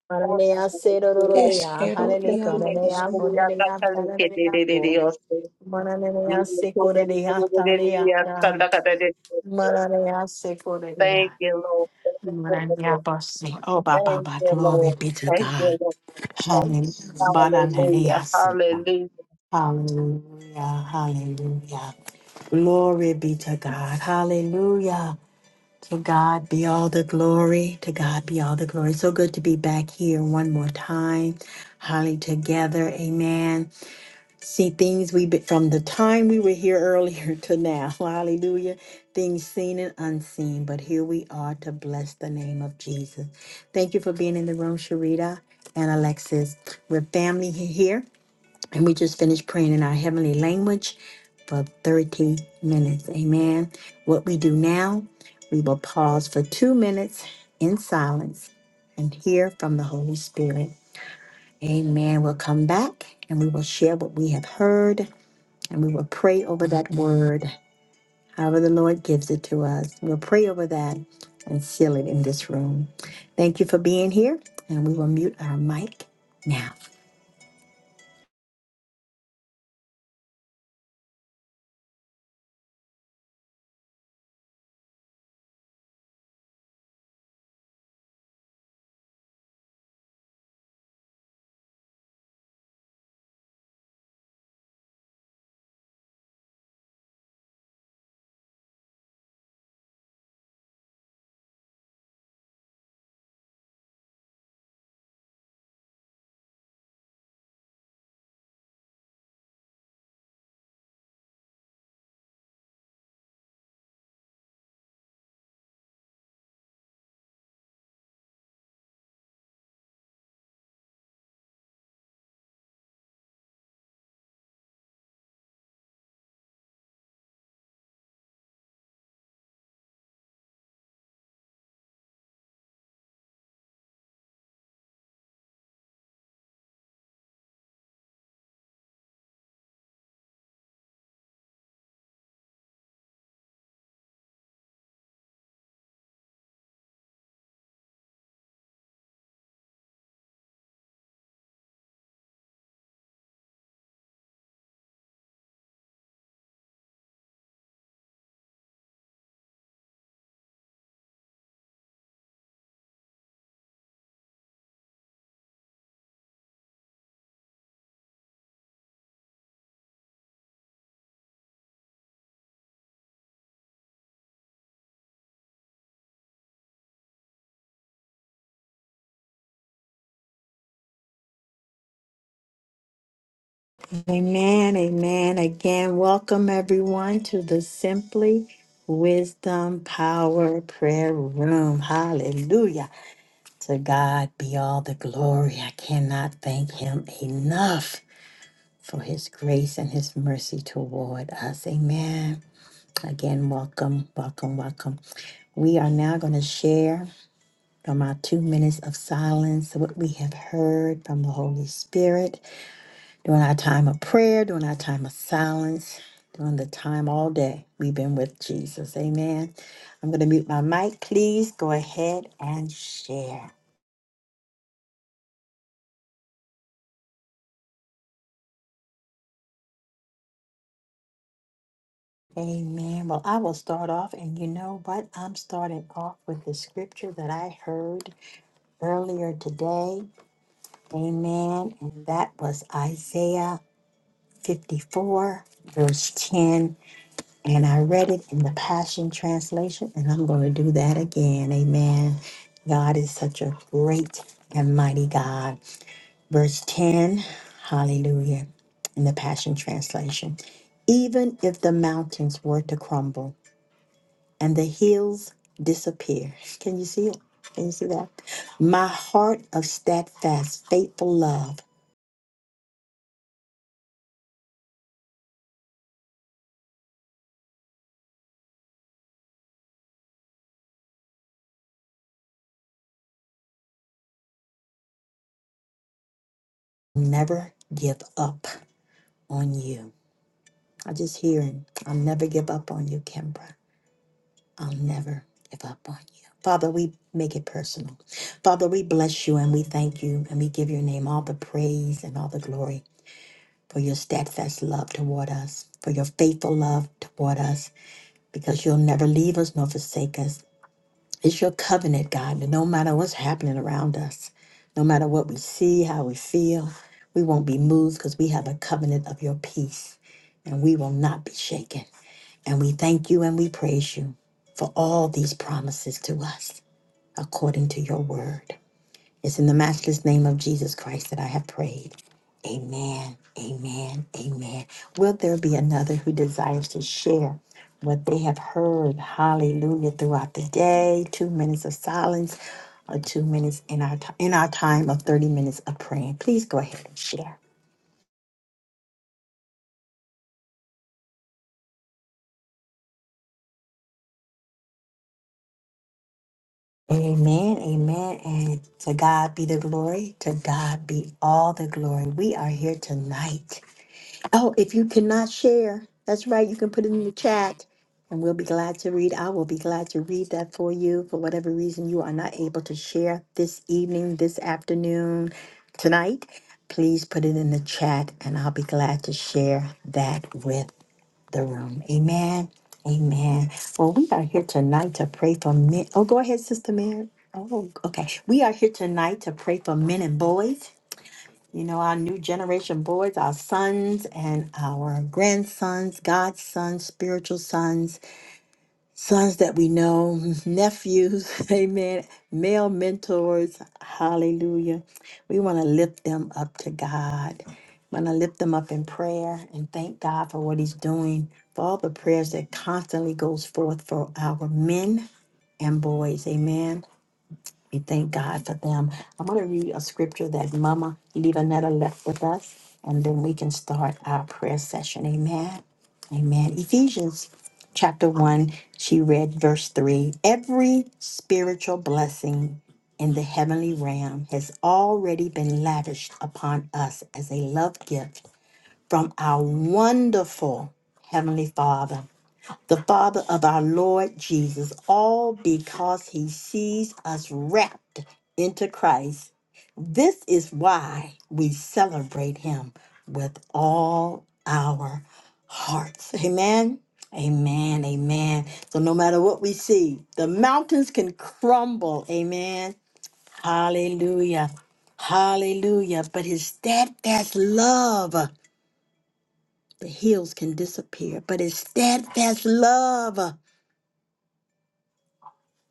[SPEAKER 1] Mora
[SPEAKER 3] Hola,
[SPEAKER 1] de
[SPEAKER 3] tata,
[SPEAKER 1] ase loro de a
[SPEAKER 2] eskero
[SPEAKER 1] hale le
[SPEAKER 3] tere, tata,
[SPEAKER 2] iaro
[SPEAKER 1] cara
[SPEAKER 3] tere,
[SPEAKER 1] de
[SPEAKER 2] is
[SPEAKER 3] tere,
[SPEAKER 1] a
[SPEAKER 3] tere,
[SPEAKER 1] bore de a
[SPEAKER 3] tata,
[SPEAKER 1] para
[SPEAKER 3] leke,
[SPEAKER 1] de a
[SPEAKER 3] tere, tere,
[SPEAKER 1] po.
[SPEAKER 3] tere.
[SPEAKER 1] Mora de
[SPEAKER 3] Mira,
[SPEAKER 1] ase coro
[SPEAKER 3] tere,
[SPEAKER 1] de a
[SPEAKER 3] tere, tere,
[SPEAKER 1] tale a
[SPEAKER 3] tere, tata, tata, tere, tere, tere.
[SPEAKER 1] Mora de ase coro de
[SPEAKER 3] Thank
[SPEAKER 1] a.
[SPEAKER 3] you, Lord. Thank you,
[SPEAKER 1] Mora de a
[SPEAKER 3] Lord.
[SPEAKER 1] bossy. Oh, Baba,
[SPEAKER 3] Thank
[SPEAKER 1] Baba,
[SPEAKER 3] you,
[SPEAKER 1] glory
[SPEAKER 3] Lord.
[SPEAKER 1] be to
[SPEAKER 3] Thank you,
[SPEAKER 1] God.
[SPEAKER 3] Lord.
[SPEAKER 1] Hallelujah. Badan hale
[SPEAKER 3] Hallelujah.
[SPEAKER 1] ase.
[SPEAKER 3] Hallelujah.
[SPEAKER 1] Hallelujah, hallelujah. Glory be to God. Hallelujah. To God be all the glory. To God be all the glory. So good to be back here one more time. Holly together. Amen. See things we be, from the time we were here earlier to now. Hallelujah. Things seen and unseen. But here we are to bless the name of Jesus. Thank you for being in the room, Sharita and Alexis. We're family he- here. And we just finished praying in our heavenly language for 30 minutes. Amen. What we do now, we will pause for two minutes in silence and hear from the Holy Spirit. Amen. We'll come back and we will share what we have heard and we will pray over that word, however the Lord gives it to us. We'll pray over that and seal it in this room. Thank you for being here, and we will mute our mic now. Amen, amen. Again, welcome everyone to the Simply Wisdom Power Prayer Room. Hallelujah. To God be all the glory. I cannot thank Him enough for His grace and His mercy toward us. Amen. Again, welcome, welcome, welcome. We are now going to share from our two minutes of silence what we have heard from the Holy Spirit during our time of prayer, during our time of silence, during the time all day we've been with Jesus. Amen. I'm going to mute my mic. Please go ahead and share. Amen. Well, I will start off, and you know what? I'm starting off with the scripture that I heard earlier today. Amen. And that was Isaiah 54, verse 10 And I read it in the Passion Translation, and I'm going to do that again. Amen. God is such a great and mighty God. Verse 10, hallelujah, in the Passion Translation. Even if the mountains were to crumble and the hills disappear, can you see it? Can you see that? My heart of steadfast, faithful love will never give up on you. I just hear him. I'll never give up on you, Kimbra. I'll never give up on you. Father, we make it personal. Father, we bless you and we thank you and we give your name all the praise and all the glory for your steadfast love toward us, for your faithful love toward us, because you'll never leave us nor forsake us. It's your covenant, God, that no matter what's happening around us, no matter what we see, how we feel, we won't be moved because we have a covenant of your peace and we will not be shaken. And we thank you and we praise you for all these promises to us according to your word. It's in the matchless name of Jesus Christ that I have prayed. Amen, amen, amen. Will there be another who desires to share what they have heard? Hallelujah throughout the day. Two minutes of silence or two minutes in our, ti- in our time of 30 minutes of praying. Please go ahead and share. Amen, amen, and to God be the glory, to God be all the glory. We are here tonight. Oh, if you cannot share, that's right, you can put it in the chat and we'll be glad to read. I will be glad to read that for you for whatever reason you are not able to share this evening, this afternoon, tonight. Please put it in the chat and I'll be glad to share that with the room. Amen. Amen. Well, we are here tonight to pray for men. Oh, go ahead, Sister Mary. Oh, okay. We are here tonight to pray for men and boys. You know, our new generation boys, our sons and our grandsons, God's sons, spiritual sons sons that we know, nephews, amen, male mentors, hallelujah. We want to lift them up to God. Want to lift them up in prayer and thank God for what He's doing, for all the prayers that constantly goes forth for our men and boys, amen. We thank God for them. I'm going to read a scripture that Mama Levanetta left with us, and then we can start our prayer session. Amen. Amen. Ephesians chapter 1, she read verse 3. Every spiritual blessing in the heavenly realm has already been lavished upon us as a love gift from our wonderful Heavenly Father the Father of our Lord Jesus, all because he sees us wrapped into Christ. This is why we celebrate him with all our hearts. Amen. Amen. Amen. So no matter what we see, the mountains can crumble. Amen. Hallelujah. Hallelujah. But his steadfast love, the hills can disappear, but his steadfast love.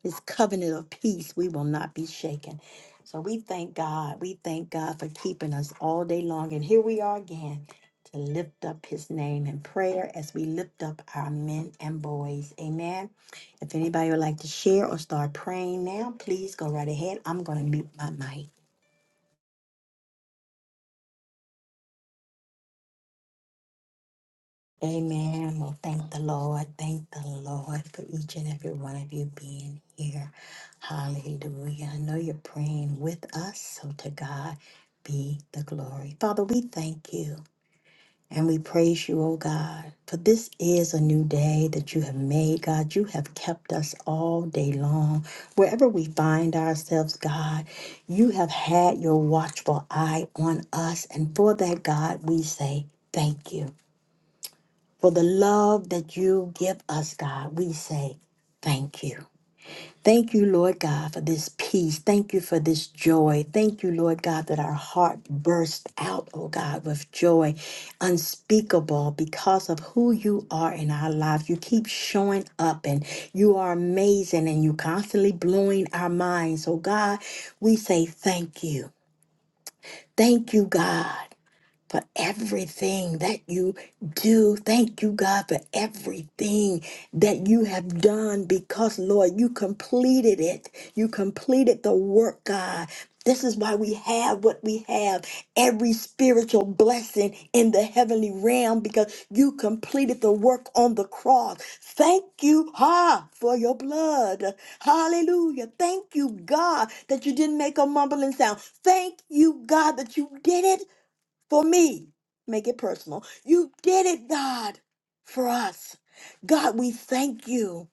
[SPEAKER 1] this covenant of peace, we will not be shaken. So we thank God. We thank God for keeping us all day long. And here we are again to lift up his name in prayer as we lift up our men and boys. Amen. If anybody would like to share or start praying now, please go right ahead. I'm going to mute my mic. Amen. Well, thank the Lord. Thank the Lord for each and every one of you being here. Hallelujah. I know you're praying with us, so to God be the glory. Father, we thank you and we praise you, O God, for this is a new day that you have made, God. You have kept us all day long. Wherever we find ourselves, God, you have had your watchful eye on us. And for that, God, we say thank you for the love that you give us, God. We say thank you. Thank you, Lord God, for this peace. Thank you for this joy. Thank you, Lord God, that our heart burst out, oh God, with joy unspeakable because of who you are in our lives. You keep showing up and you are amazing and you constantly blowing our minds. So, God, we say thank you. Thank you, God for everything that you do. Thank you, God, for everything that you have done because, Lord, you completed it. You completed the work, God. This is why we have what we have every spiritual blessing in the heavenly realm because you completed the work on the cross. Thank you, Ha, for your blood. Hallelujah. Thank you, God, that you didn't make a mumbling sound. Thank you, God, that you did it for me. Make it personal. You did it, God, for us. God, we thank you.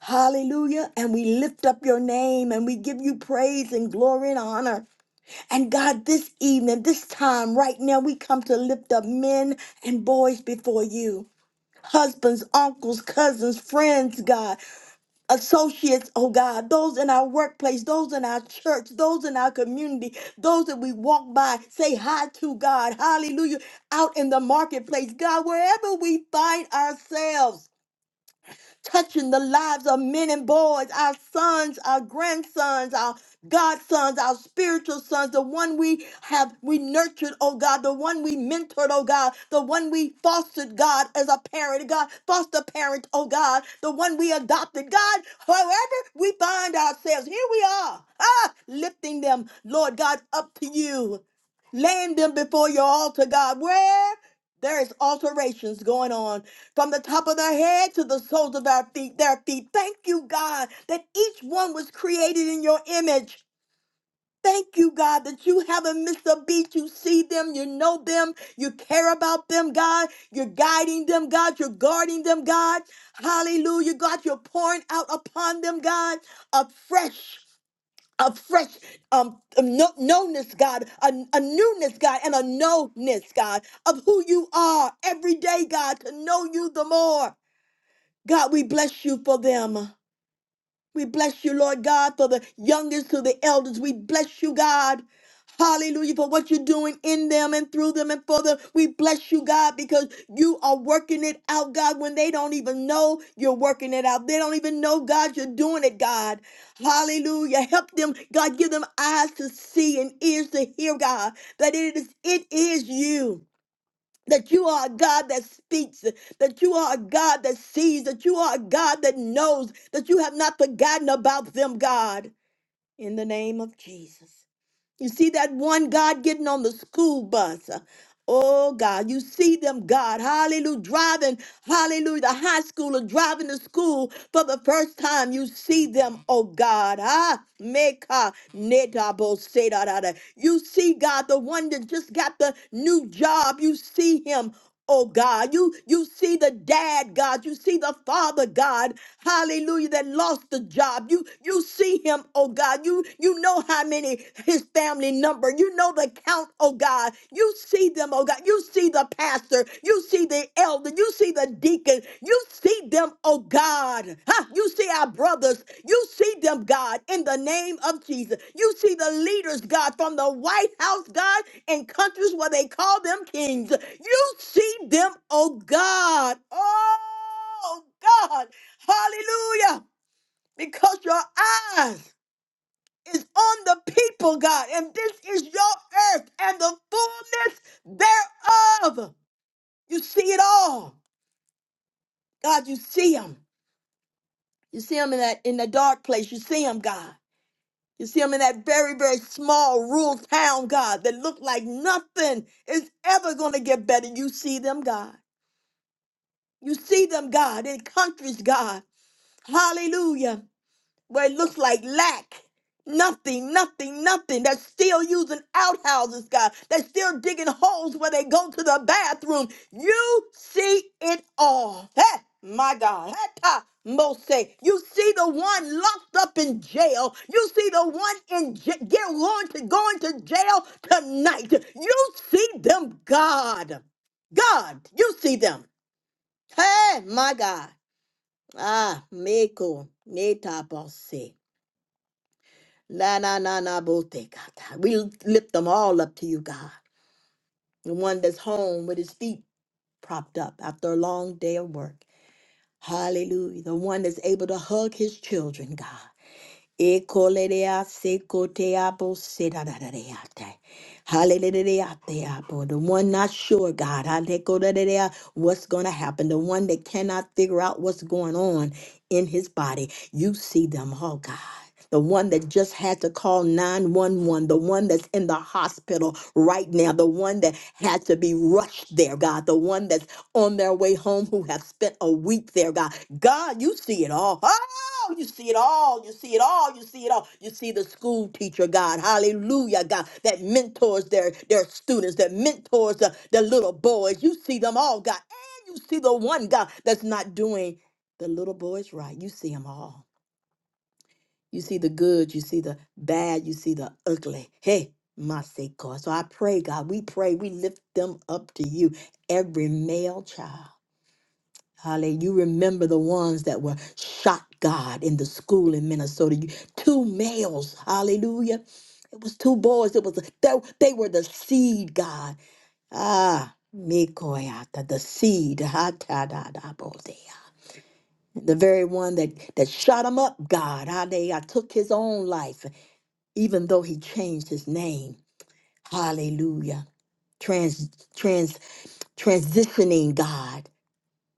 [SPEAKER 1] Hallelujah. And we lift up your name and we give you praise and glory and honor. And God, this evening, this time, right now, we come to lift up men and boys before you. Husbands, uncles, cousins, friends, God associates, oh God, those in our workplace, those in our church, those in our community, those that we walk by, say hi to God, hallelujah, out in the marketplace, God, wherever we find ourselves touching the lives of men and boys, our sons, our grandsons, our godsons, our spiritual sons, the one we have we nurtured, oh God, the one we mentored, oh God, the one we fostered, God, as a parent, God, foster parent, oh God, the one we adopted, God, however we find ourselves, here we are, ah, lifting them, Lord God, up to you, laying them before your altar, God, where there is alterations going on from the top of their head to the soles of our feet, their feet. Thank you, God, that each one was created in your image. Thank you, God, that you haven't missed a beat. You see them, you know them, you care about them, God. You're guiding them, God. You're guarding them, God. Hallelujah, God. You're pouring out upon them, God, a fresh, a fresh um, um no, knownness, God, a, a newness, God, and a knownness, God, of who you are every day, God, to know you the more. God, we bless you for them. We bless you, Lord God, for the youngest to the elders. We bless you, God. Hallelujah, for what you're doing in them and through them and for them. We bless you, God, because you are working it out, God, when they don't even know you're working it out. They don't even know, God, you're doing it, God. Hallelujah. Help them, God, give them eyes to see and ears to hear, God, that it is it is you. That you are a God that speaks, that you are a God that sees, that you are a God that knows, that you have not forgotten about them, God, in the name of Jesus. You see that one God getting on the school bus. uh, Oh God, you see them, God, hallelujah, driving, hallelujah, the high schooler driving to school for the first time. You see them, oh God, ah, meka netabo seda da da. You see God, the one that just got the new job. You see him, Oh God, you you see the dad, God, you see the father, God, hallelujah, that lost the job. You you see him, oh God. You you know how many his family number. You know the count, oh God. You see them, oh God. You see the pastor. You see the elder. You see the deacon. You see them, oh God. Huh? You see our brothers. You see them, God, in the name of Jesus. You see the leaders, God, from the White House, God, in countries where they call them kings. You see them, oh God. Oh God. Hallelujah. Because your eyes is on the people, God, and this is your earth and the fullness thereof. You see it all. God, you see them. You see them in that in the dark place. You see them, God. You see them in that very, very small rural town, God, that look like nothing is ever going to get better. You see them, God. You see them, God, in countries, God. Hallelujah where it looks like lack. Nothing, nothing, nothing. They're still using outhouses, God. They're still digging holes where they go to the bathroom. You see it all. Hey, my God. Heta Mose. You see the one locked up in jail. You see the one in j- get going to going to jail tonight. You see them, God. God, you see them. Hey, my God. Ah, Meko, Neta Bose. La na na na bote, God. We lift them all up to you, God. The one that's home with his feet propped up after a long day of work. Hallelujah. The one that's able to hug his children, God. E kolerea se koteabo sedadadadeate. Hallelujah. The one not sure, God, hallelujah, what's going to happen. The one that cannot figure out what's going on in his body. You see them, oh God. The one that just had to call 911, the one that's in the hospital right now, the one that had to be rushed there, God, the one that's on their way home who have spent a week there, God. God, you see it all. Huh? Oh, You see it all. You see it all. You see it all. You see the school teacher, God. Hallelujah, God. That mentors their, their students, that mentors the, the little boys. You see them all, God. And you see the one, God, that's not doing the little boys right. You see them all. You see the good. You see the bad. You see the ugly. Hey, my sake, God. So I pray, God, we pray, we lift them up to you, every male child. Hallelujah. You remember the ones that were shot, God, in the school in Minnesota. You- Two males. Hallelujah. It was two boys. It was a, they, they were the seed, God. Ah, Mikoyata, the seed. Ha ta da da bo dea. The very one that that shot him up, God. Ah, they I took his own life, even though he changed his name. Hallelujah. Trans trans transitioning God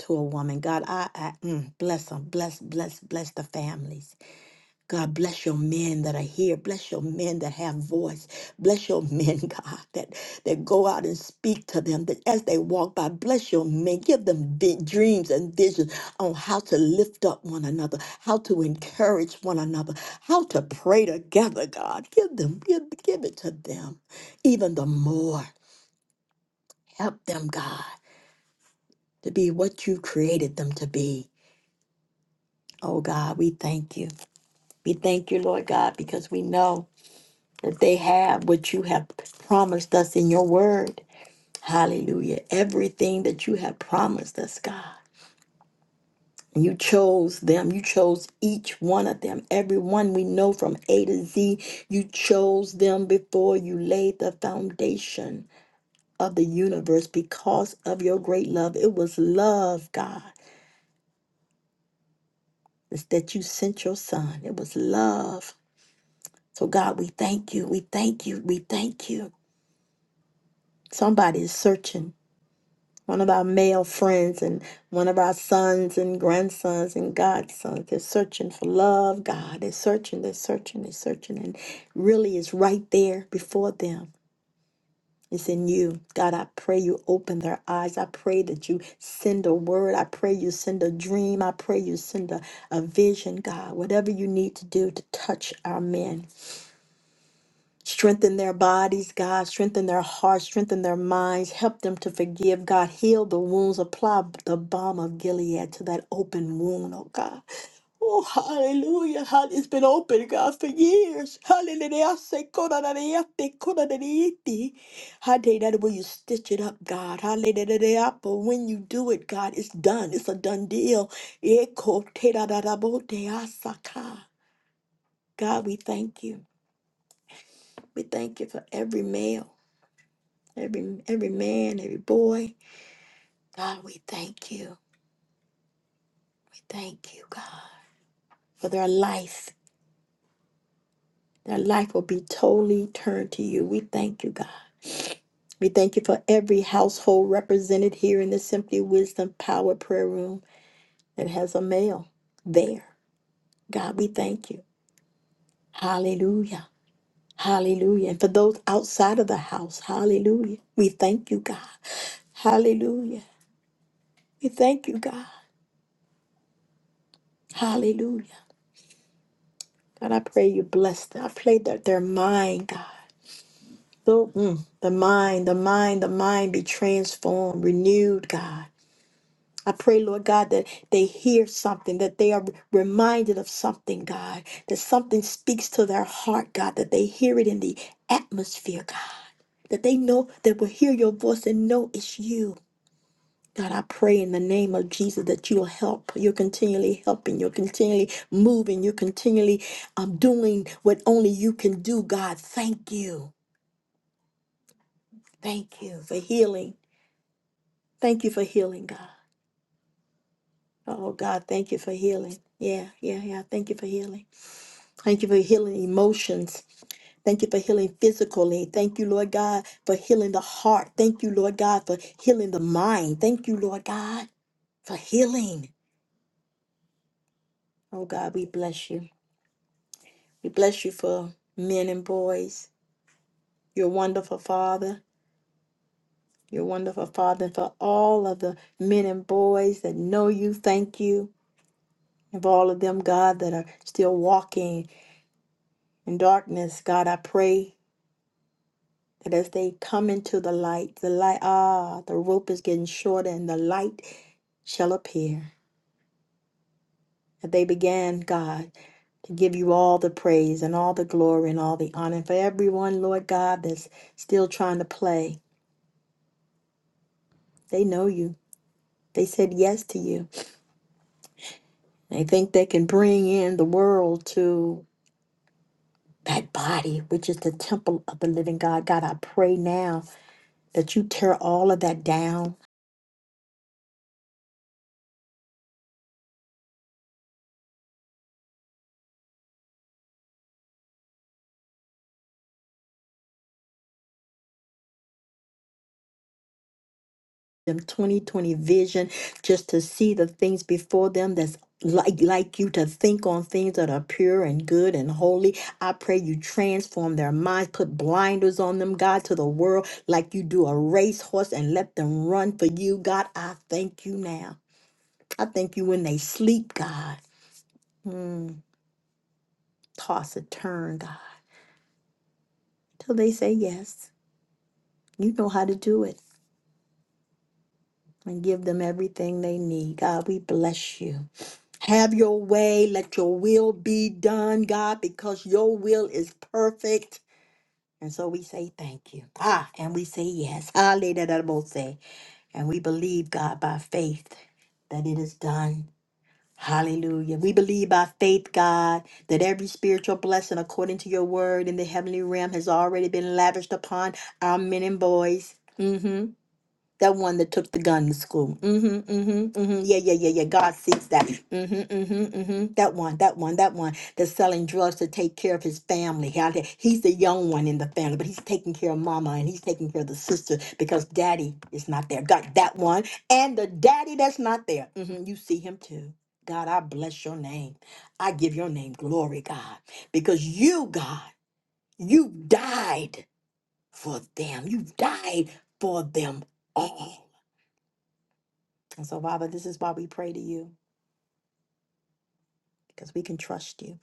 [SPEAKER 1] to a woman. God, I, I mm, bless them. Bless, bless, bless the families. God, bless your men that are here. Bless your men that have voice. Bless your men, God, that, that go out and speak to them that as they walk by. Bless your men. Give them vi- dreams and visions on how to lift up one another, how to encourage one another, how to pray together, God. Give them, give, give it to them even the more. Help them, God, to be what you created them to be. Oh God, we thank you. We thank you, Lord God, because we know that they have what you have promised us in your word. Hallelujah. Everything that you have promised us, God. And you chose them. You chose each one of them. Every one we know from A to Z, you chose them before you laid the foundation of the universe because of your great love. It was love, God. It's that you sent your son. It was love. So, God, we thank you. We thank you. We thank you. Somebody is searching. One of our male friends and one of our sons and grandsons and godsons. They're searching for love, God. They're searching, they're searching, they're searching. And really, it's right there before them. It's in you. God, I pray you open their eyes. I pray that you send a word. I pray you send a dream. I pray you send a, a vision, God. Whatever you need to do to touch our men, Strengthen their bodies, God. Strengthen their hearts. Strengthen their minds. Help them to forgive, God. Heal the wounds. Apply the balm of Gilead to that open wound, oh God. Oh, hallelujah. Hall- It's been open, God, for years. Hallelujah. I say, "Kodadadeyate, kodadadeyete." Hallelujah. That way you stitch it up, God. Hallelujah. But when you do it, God, it's done. It's a done deal. Eko tedadadaboteasaka. God, we thank you. We thank you for every male. every every man, every boy. God, we thank you. We thank you, God, for their life. Their life will be totally turned to you. We thank you, God. We thank you for every household represented here in the Simply Wisdom Power Prayer Room that has a male there. God, we thank you. Hallelujah. Hallelujah. And for those outside of the house, hallelujah. We thank you, God. Hallelujah. We thank you, God. Hallelujah. God, I pray you bless them. I pray that their mind, God, the, mm, the mind, the mind, the mind be transformed, renewed, God. I pray, Lord God, that they hear something, that they are reminded of something, God, that something speaks to their heart, God, that they hear it in the atmosphere, God, that they know, that will hear your voice and know it's you. God, I pray in the name of Jesus that you'll help. You're continually helping. You're continually moving. You're continually um, doing what only you can do, God. Thank you. Thank you for healing. Thank you for healing, God. Oh, God, thank you for healing. Yeah, yeah, yeah. Thank you for healing. Thank you for healing emotions. Thank you for healing physically. Thank you, Lord God, for healing the heart. Thank you, Lord God, for healing the mind. Thank you, Lord God, for healing. Oh, God, we bless you. We bless you for men and boys, your wonderful Father, your wonderful Father, and for all of the men and boys that know you. Thank you. And for all of them, God, that are still walking in darkness, God, I pray that as they come into the light, the light, ah, the rope is getting shorter and the light shall appear. That they began, God, to give you all the praise and all the glory and all the honor. And for everyone, Lord God, that's still trying to play, they know you. They said yes to you. They think they can bring in the world to that body, which is the temple of the living God. God, I pray now that you tear all of that down. Them 2020 vision, just to see the things before them that's like like you to think on things that are pure and good and holy. I pray you transform their minds, put blinders on them, God, to the world, like you do a racehorse and let them run for you. God, I thank you now. I thank you when they sleep, God. Mm, toss and turn, God, till they say yes. You know how to do it and give them everything they need. God, we bless you. Have your way. Let your will be done, God, because your will is perfect. And so we say thank you. Ah, and we say yes. Hallelujah. And we believe, God, by faith that it is done. Hallelujah. We believe by faith, God, that every spiritual blessing according to your word in the heavenly realm has already been lavished upon our men and boys. Mhm. That one that took the gun to school. Mm-hmm, mm-hmm, mm-hmm. Yeah, yeah, yeah, yeah. God sees that. Mm-hmm, mm-hmm, mm-hmm. That one, that one, that one that's selling drugs to take care of his family. How they- He's the young one in the family, but he's taking care of mama and he's taking care of the sister because daddy is not there. God, that one. And the daddy that's not there. Mm-hmm, you see him too. God, I bless your name. I give your name glory, God, because you, God, you died for them. You died for them all. And so, Father, this is why we pray to you because we can trust you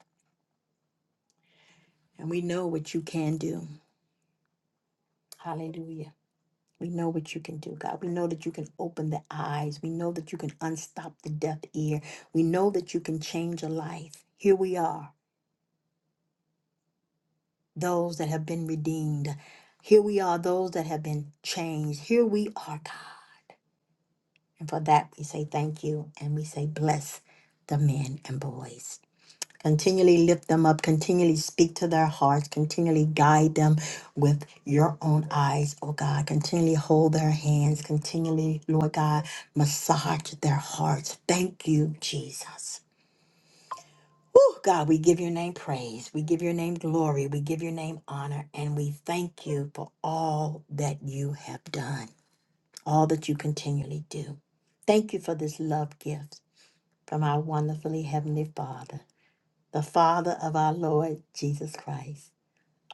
[SPEAKER 1] and we know what you can do. Hallelujah. We know what you can do, God. We know that you can open the eyes. We know that you can unstop the deaf ear. We know that you can change a life. Here we are, those that have been redeemed. Here we are, those that have been changed. Here we are, God. And for that, we say thank you and we say bless the men and boys. Continually lift them up, continually speak to their hearts, continually guide them with your own eyes, oh God. Continually hold their hands, continually, Lord God, massage their hearts. Thank you, Jesus. Woo, God, we give your name praise. We give your name glory. We give your name honor. And we thank you for all that you have done, all that you continually do. Thank you for this love gift from our wonderfully Heavenly Father the Father of our Lord Jesus Christ.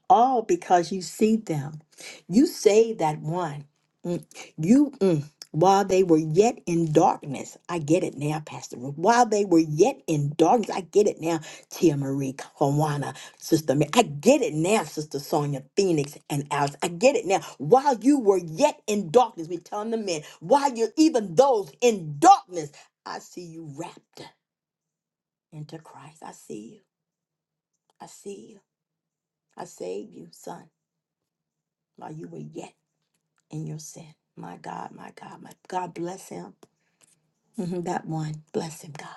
[SPEAKER 1] All because you see them. You saved that one. Mm, You, mm, while they were yet in darkness, I get it now, Pastor Ruth. While they were yet in darkness, I get it now, Tia Marie, Kawana, Sister Mary. I get it now, Sister Sonia, Phoenix, and Alice. I get it now. While you were yet in darkness, we telling the men, while you're even those in darkness, I see you wrapped into Christ. I see you. I see you. I saved you, son, while you were yet in your sin. My God, my God, my God, bless him. Mhm, that one, bless him, God.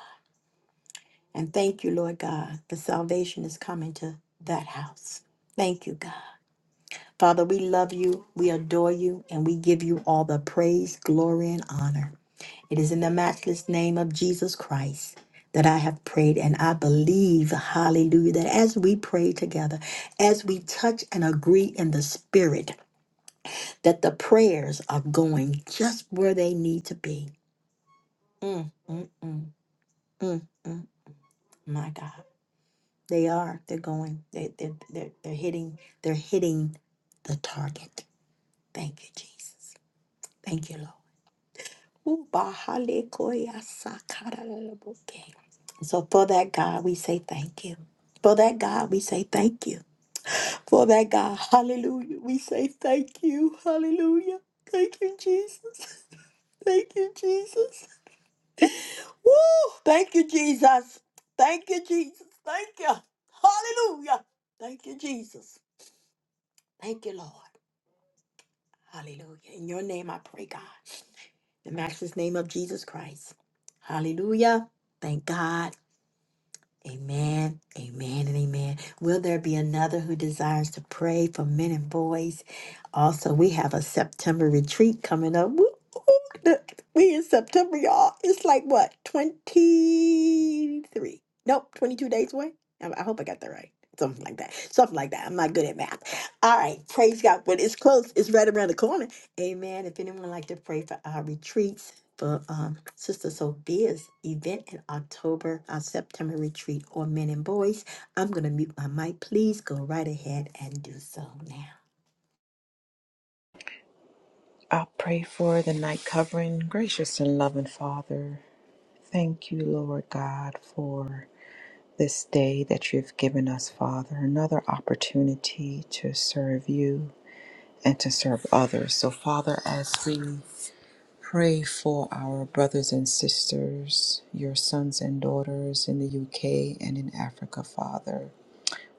[SPEAKER 1] And thank you, Lord God, the salvation is coming to that house. Thank you, God. Father, we love you, we adore you, and we give you all the praise, glory, and honor. It is in the matchless name of Jesus Christ that I have prayed, and I believe, hallelujah, that as we pray together, as we touch and agree in the spirit, that the prayers are going just where they need to be. Mm, mm, mm, mm, mm. My God, they are. They're going. They, they, they're, they're hitting. They're hitting the target. Thank you, Jesus. Thank you, Lord. Ooh, bahale koya sakara lalaboke. So for that God, we say thank you. For that God, we say thank you. For that God, hallelujah, we say thank you. Hallelujah. Thank you, Jesus. Thank you, Jesus. Woo! Thank you, Jesus. Thank you, Jesus. Thank you. Hallelujah. Thank you, Jesus. Thank you, Lord. Hallelujah. In your name I pray, God. The matchless name of Jesus Christ. Hallelujah. Thank God. Amen, amen, and amen. Will there be another who desires to pray for men and boys? Also, we have a September retreat coming up. Woo, woo, look, We in September, y'all. It's like what, 23? Nope, 22 days away. I I hope I got that right. Something like that. Something like that. I'm not good at math. All right, praise God. But it's close. It's right around the corner. Amen. If anyone would like to pray for our retreats, for um, Sister Sophia's event in October, our September retreat on men and boys. I'm going to mute my mic. Please go right ahead and do so now.
[SPEAKER 2] I pray for the night covering. Gracious and loving Father, thank you, Lord God, for this day that you've given us, Father, another opportunity to serve you and to serve others. So, Father, as we pray for our brothers and sisters, your sons and daughters in the UK and in Africa, Father,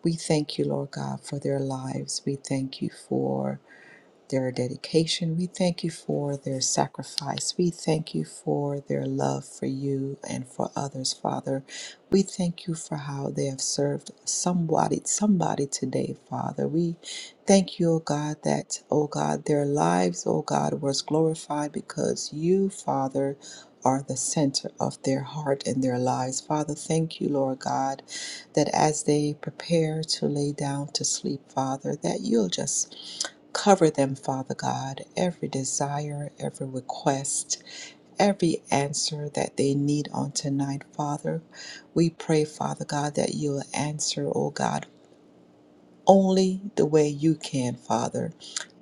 [SPEAKER 2] we thank you, Lord God, for their lives. We thank you for their dedication. We thank you for their sacrifice. We thank you for their love for you and for others, Father. We thank you for how they have served somebody, somebody today, Father. We thank you, O God, that, O God, their lives, O God, was glorified because you, Father, are the center of their heart and their lives. Father, thank you, Lord God, that as they prepare to lay down to sleep, Father, that you'll just Cover them, Father God, every desire, every request, every answer that they need on tonight, Father. We pray, Father God, that you'll answer, oh God, only the way you can, Father.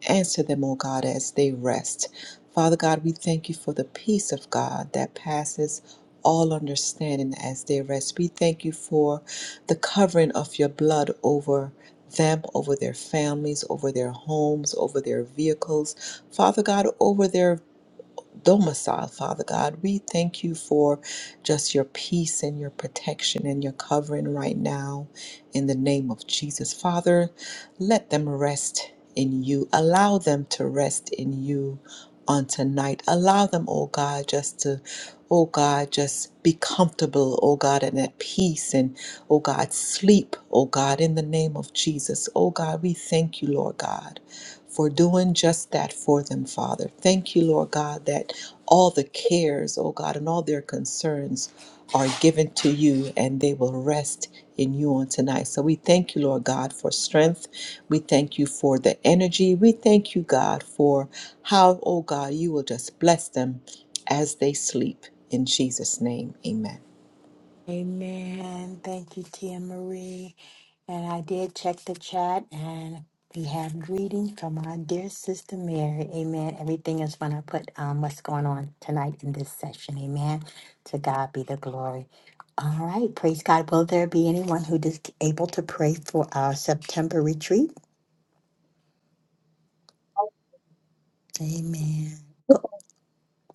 [SPEAKER 2] Answer them, O God, as they rest. Father God, we thank you for the peace of God that passes all understanding as they rest. We thank you for the covering of your blood over them, over their families, over their homes, over their vehicles. Father God, over their domicile, Father God. We thank you for just your peace and your protection and your covering right now in the name of Jesus. Father, let them rest in you. Allow them to rest in you on tonight. Allow them, oh God, just to, oh God, just be comfortable, oh God, and at peace and, oh God, sleep, oh God, in the name of Jesus. Oh God, we thank you, Lord God, for doing just that for them, Father. Thank you, Lord God, that all the cares, oh God, and all their concerns are given to you and they will rest in you on tonight. So we thank you, Lord God, for strength. We thank you for the energy. We thank you, God, for how, oh God, you will just bless them as they sleep. In Jesus' name, amen.
[SPEAKER 1] Amen. Thank you, Tia Marie. And I did check the chat and we have greetings from our dear sister Mary. Amen. Everything is going to put um, what's going on tonight in this session. Amen. To God be the glory. All right. Praise God. Will there be anyone who is able to pray for our September retreat? Amen. Go-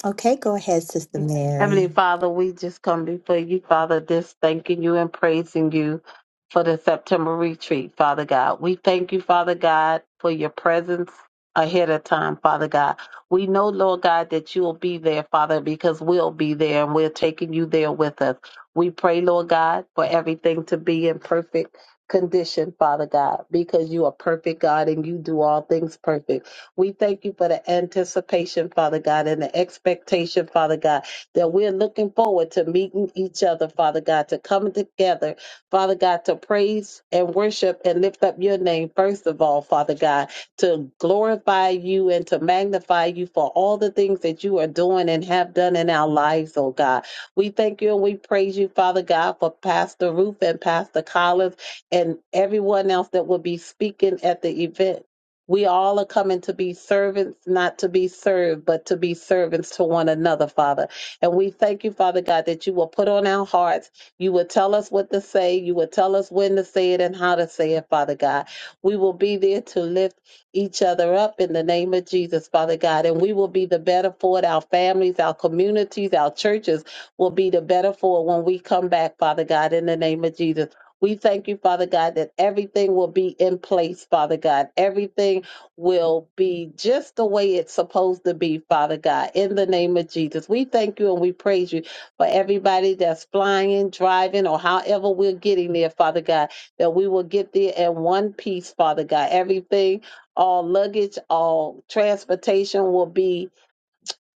[SPEAKER 1] okay. Go ahead, Sister
[SPEAKER 3] Heavenly
[SPEAKER 1] Mary.
[SPEAKER 3] Father, we just come before you, Father, just thanking you and praising you for the September retreat, Father God. We thank you, Father God, for your presence ahead of time, Father God. We know, Lord God, that you will be there, Father, because we'll be there and we're taking you there with us. We pray, Lord God, for everything to be in perfect condition, Father God, because you are perfect, God, and you do all things perfect. We thank you for the anticipation, Father God, and the expectation, Father God, that we're looking forward to meeting each other, Father God, to coming together, Father God, to praise and worship and lift up your name, first of all, Father God, to glorify you and to magnify you for all the things that you are doing and have done in our lives, oh God. We thank you and we praise you, Father God, for Pastor Ruth and Pastor Collins and everyone else that will be speaking at the event. We all are coming to be servants, not to be served, but to be servants to one another, Father. And we thank you, Father God, that you will put on our hearts. You will tell us what to say. You will tell us when to say it and how to say it, Father God. We will be there to lift each other up in the name of Jesus, Father God. And we will be the better for it. Our families, our communities, our churches will be the better for it when we come back, Father God, in the name of Jesus. We thank you, Father God, that everything will be in place, Father God. Everything will be just the way it's supposed to be, Father God, in the name of Jesus. We thank you and we praise you for everybody that's flying, driving, or however we're getting there, Father God, that we will get there in one piece, Father God. Everything, all luggage, all transportation will be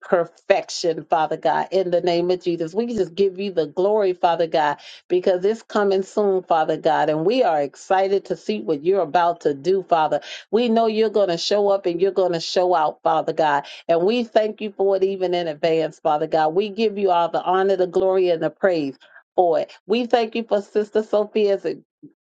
[SPEAKER 3] perfection, Father God, in the name of Jesus. We just give you the glory, Father God, because it's coming soon, Father God, and we are excited to see what you're about to do, Father. We know you're going to show up and you're going to show out, Father God, and we thank you for it even in advance, Father God. We give you all the honor, the glory, and the praise for it. We thank you for Sister Sophia's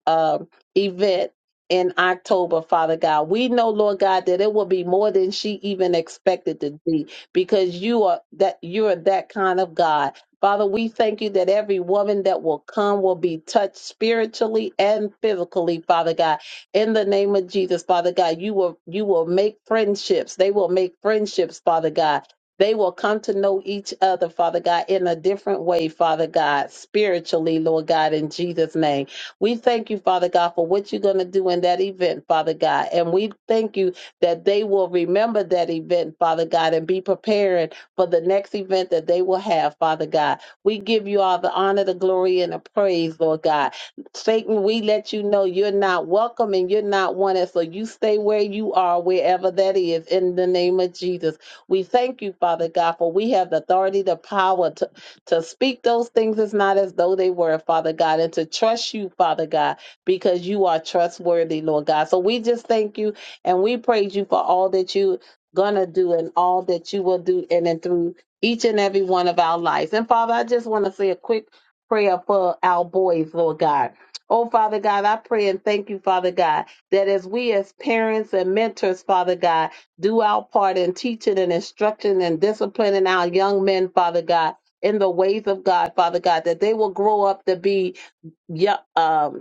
[SPEAKER 3] um, event in October, Father God. We know, Lord God, that it will be more than she even expected to be because you are that you are that kind of God. Father, we thank you that every woman that will come will be touched spiritually and physically, Father God. In the name of Jesus, Father God, you will you will make friendships. They will make friendships, Father God. They will come to know each other, Father God, in a different way, Father God, spiritually, Lord God, in Jesus' name. We thank you, Father God, for what you're going to do in that event, Father God. And we thank you that they will remember that event, Father God, and be prepared for the next event that they will have, Father God. We give you all the honor, the glory, and the praise, Lord God. Satan, we let you know you're not welcome and you're not wanted, so you stay where you are, wherever that is, in the name of Jesus. We thank you, Father God, for we have the authority, the power to, to speak those things as not as though they were, Father God, and to trust you, Father God, because you are trustworthy, Lord God. So we just thank you and we praise you for all that you're going to do and all that you will do in and through each and every one of our lives. And Father, I just want to say a quick prayer for our boys, Lord God. Oh, Father God, I pray and thank you, Father God, that as we as parents and mentors, Father God, do our part in teaching and instructing and disciplining our young men, Father God, in the ways of God, Father God, that they will grow up to be yo- um,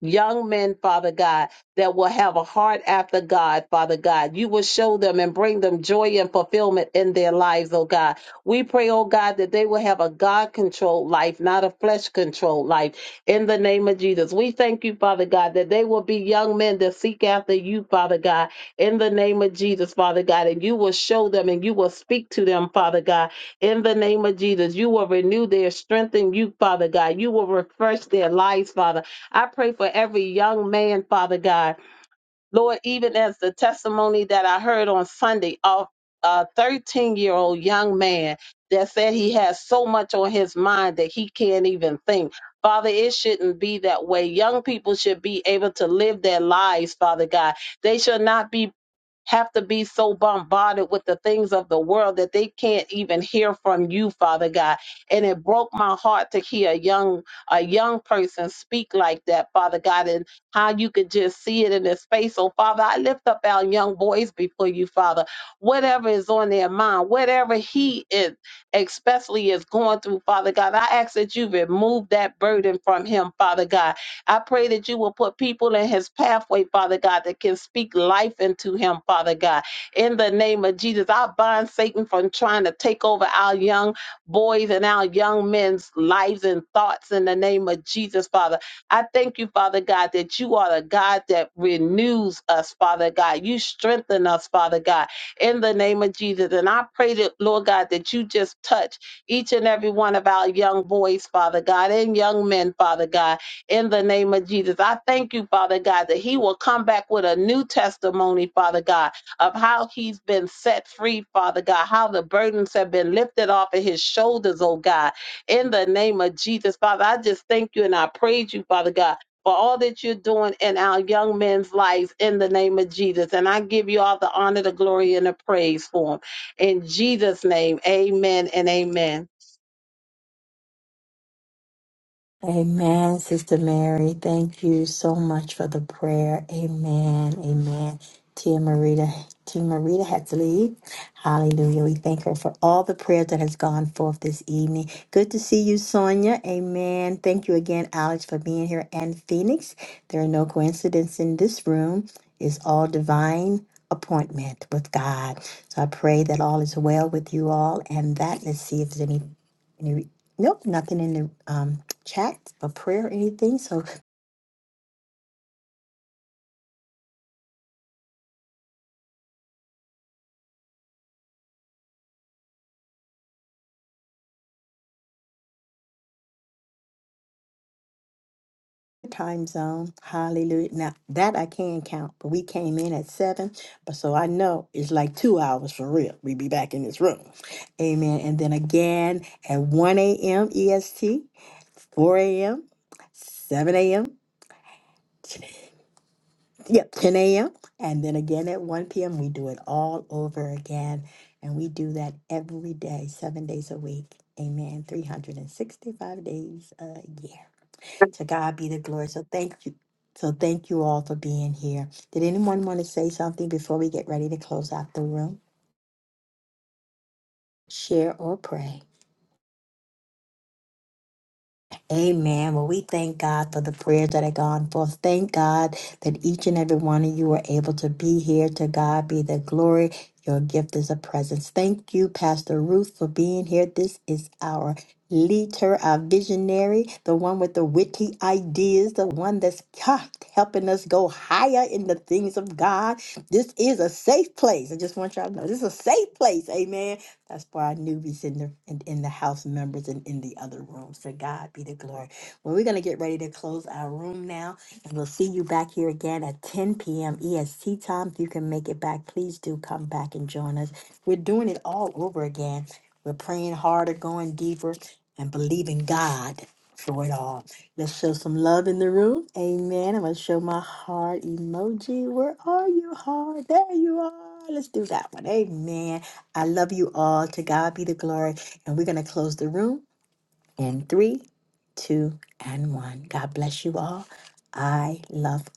[SPEAKER 3] young men, Father God, that will have a heart after God, Father God. You will show them and bring them joy and fulfillment in their lives, oh God. We pray, oh God, that they will have a God controlled life, not a flesh controlled life, in the name of Jesus. We thank you, Father God, that they will be young men that seek after you, Father God, in the name of Jesus, Father God, and you will show them and you will speak to them, Father God, in the name of Jesus. You will renew their strength in you, Father God. You will refresh their lives, Father. I pray for every young man, Father God. Lord, even as the testimony that I heard on Sunday of a 13 year old young man that said he has so much on his mind that he can't even think. Father, it shouldn't be that way. Young people should be able to live their lives, Father God. They should not be have to be so bombarded with the things of the world that they can't even hear from you father god and it broke my heart to hear a young a young person speak like that father god and how you could just see it in his face so father i lift up our young boys before you father whatever is on their mind whatever he is especially is going through father god i ask that you remove that burden from him father god I pray that you will put people in his pathway, Father God, that can speak life into him, Father God. In the name of Jesus, I bind Satan from trying to take over our young boys and our young men's lives and thoughts in the name of Jesus, Father. I thank you, Father God, that you are the God that renews us, Father God. You strengthen us, Father God, in the name of Jesus. And I pray that, Lord God, that you just touch each and every one of our young boys, Father God, and young men, Father God in the name of Jesus. I thank you, Father God, that he will come back with a new testimony, Father God, of how he's been set free, Father God, how the burdens have been lifted off of his shoulders, oh God, in the name of Jesus. Father, I just thank you and I praise you, Father God. For all that you're doing in our young men's lives in the name of Jesus. And I give you all the honor, the glory, and the praise for them. In Jesus' name, amen and amen.
[SPEAKER 1] Amen, Sister Mary. Thank you so much for the prayer. Amen. Amen. Tia Marita, Tia Marita had to leave. Hallelujah. We thank her for all the prayer that has gone forth this evening. Good to see you, Sonia. Amen. Thank you again, Alex, for being here and Phoenix. There are no coincidences in this room. It's all divine appointment with God. So I pray that all is well with you all and that let's see if there's any any nope, nothing in the um chat or prayer or anything. So time zone, hallelujah. Now that I can count, but we came in at seven. But so I know it's like two hours for real. We be back in this room. Amen. And then again at 1 a.m. EST, 4 a.m., 7 a.m. Yep, 10 a.m. And then again at 1 p.m. We do it all over again. And we do that every day, seven days a week. Amen. 365 days a year. To God be the glory. So thank you. So thank you all for being here. Did anyone want to say something before we get ready to close out the room? Share or pray. Amen. Well, we thank God for the prayers that have gone forth. Thank God that each and every one of you were able to be here. To God be the glory. Your gift is a presence. Thank you, Pastor Ruth, for being here. This is our leader, our visionary, the one with the witty ideas, the one that's ha, helping us go higher in the things of God. This is a safe place. I just want y'all to know this is a safe place. Amen. That's why our newbies in the in, in the house members and in the other room. So God be the glory. Well, we're gonna get ready to close our room now, and we'll see you back here again at 10 p.m. EST time. If you can make it back, please do come back and join us. We're doing it all over again. We're praying harder, going deeper, and believing God for it all. Let's show some love in the room. Amen. I'm gonna show my heart emoji. Where are you, heart? There you are. Let's do that one. Amen. I love you all. To God be the glory. And we're going to close the room in three, two, and one. God bless you all. I love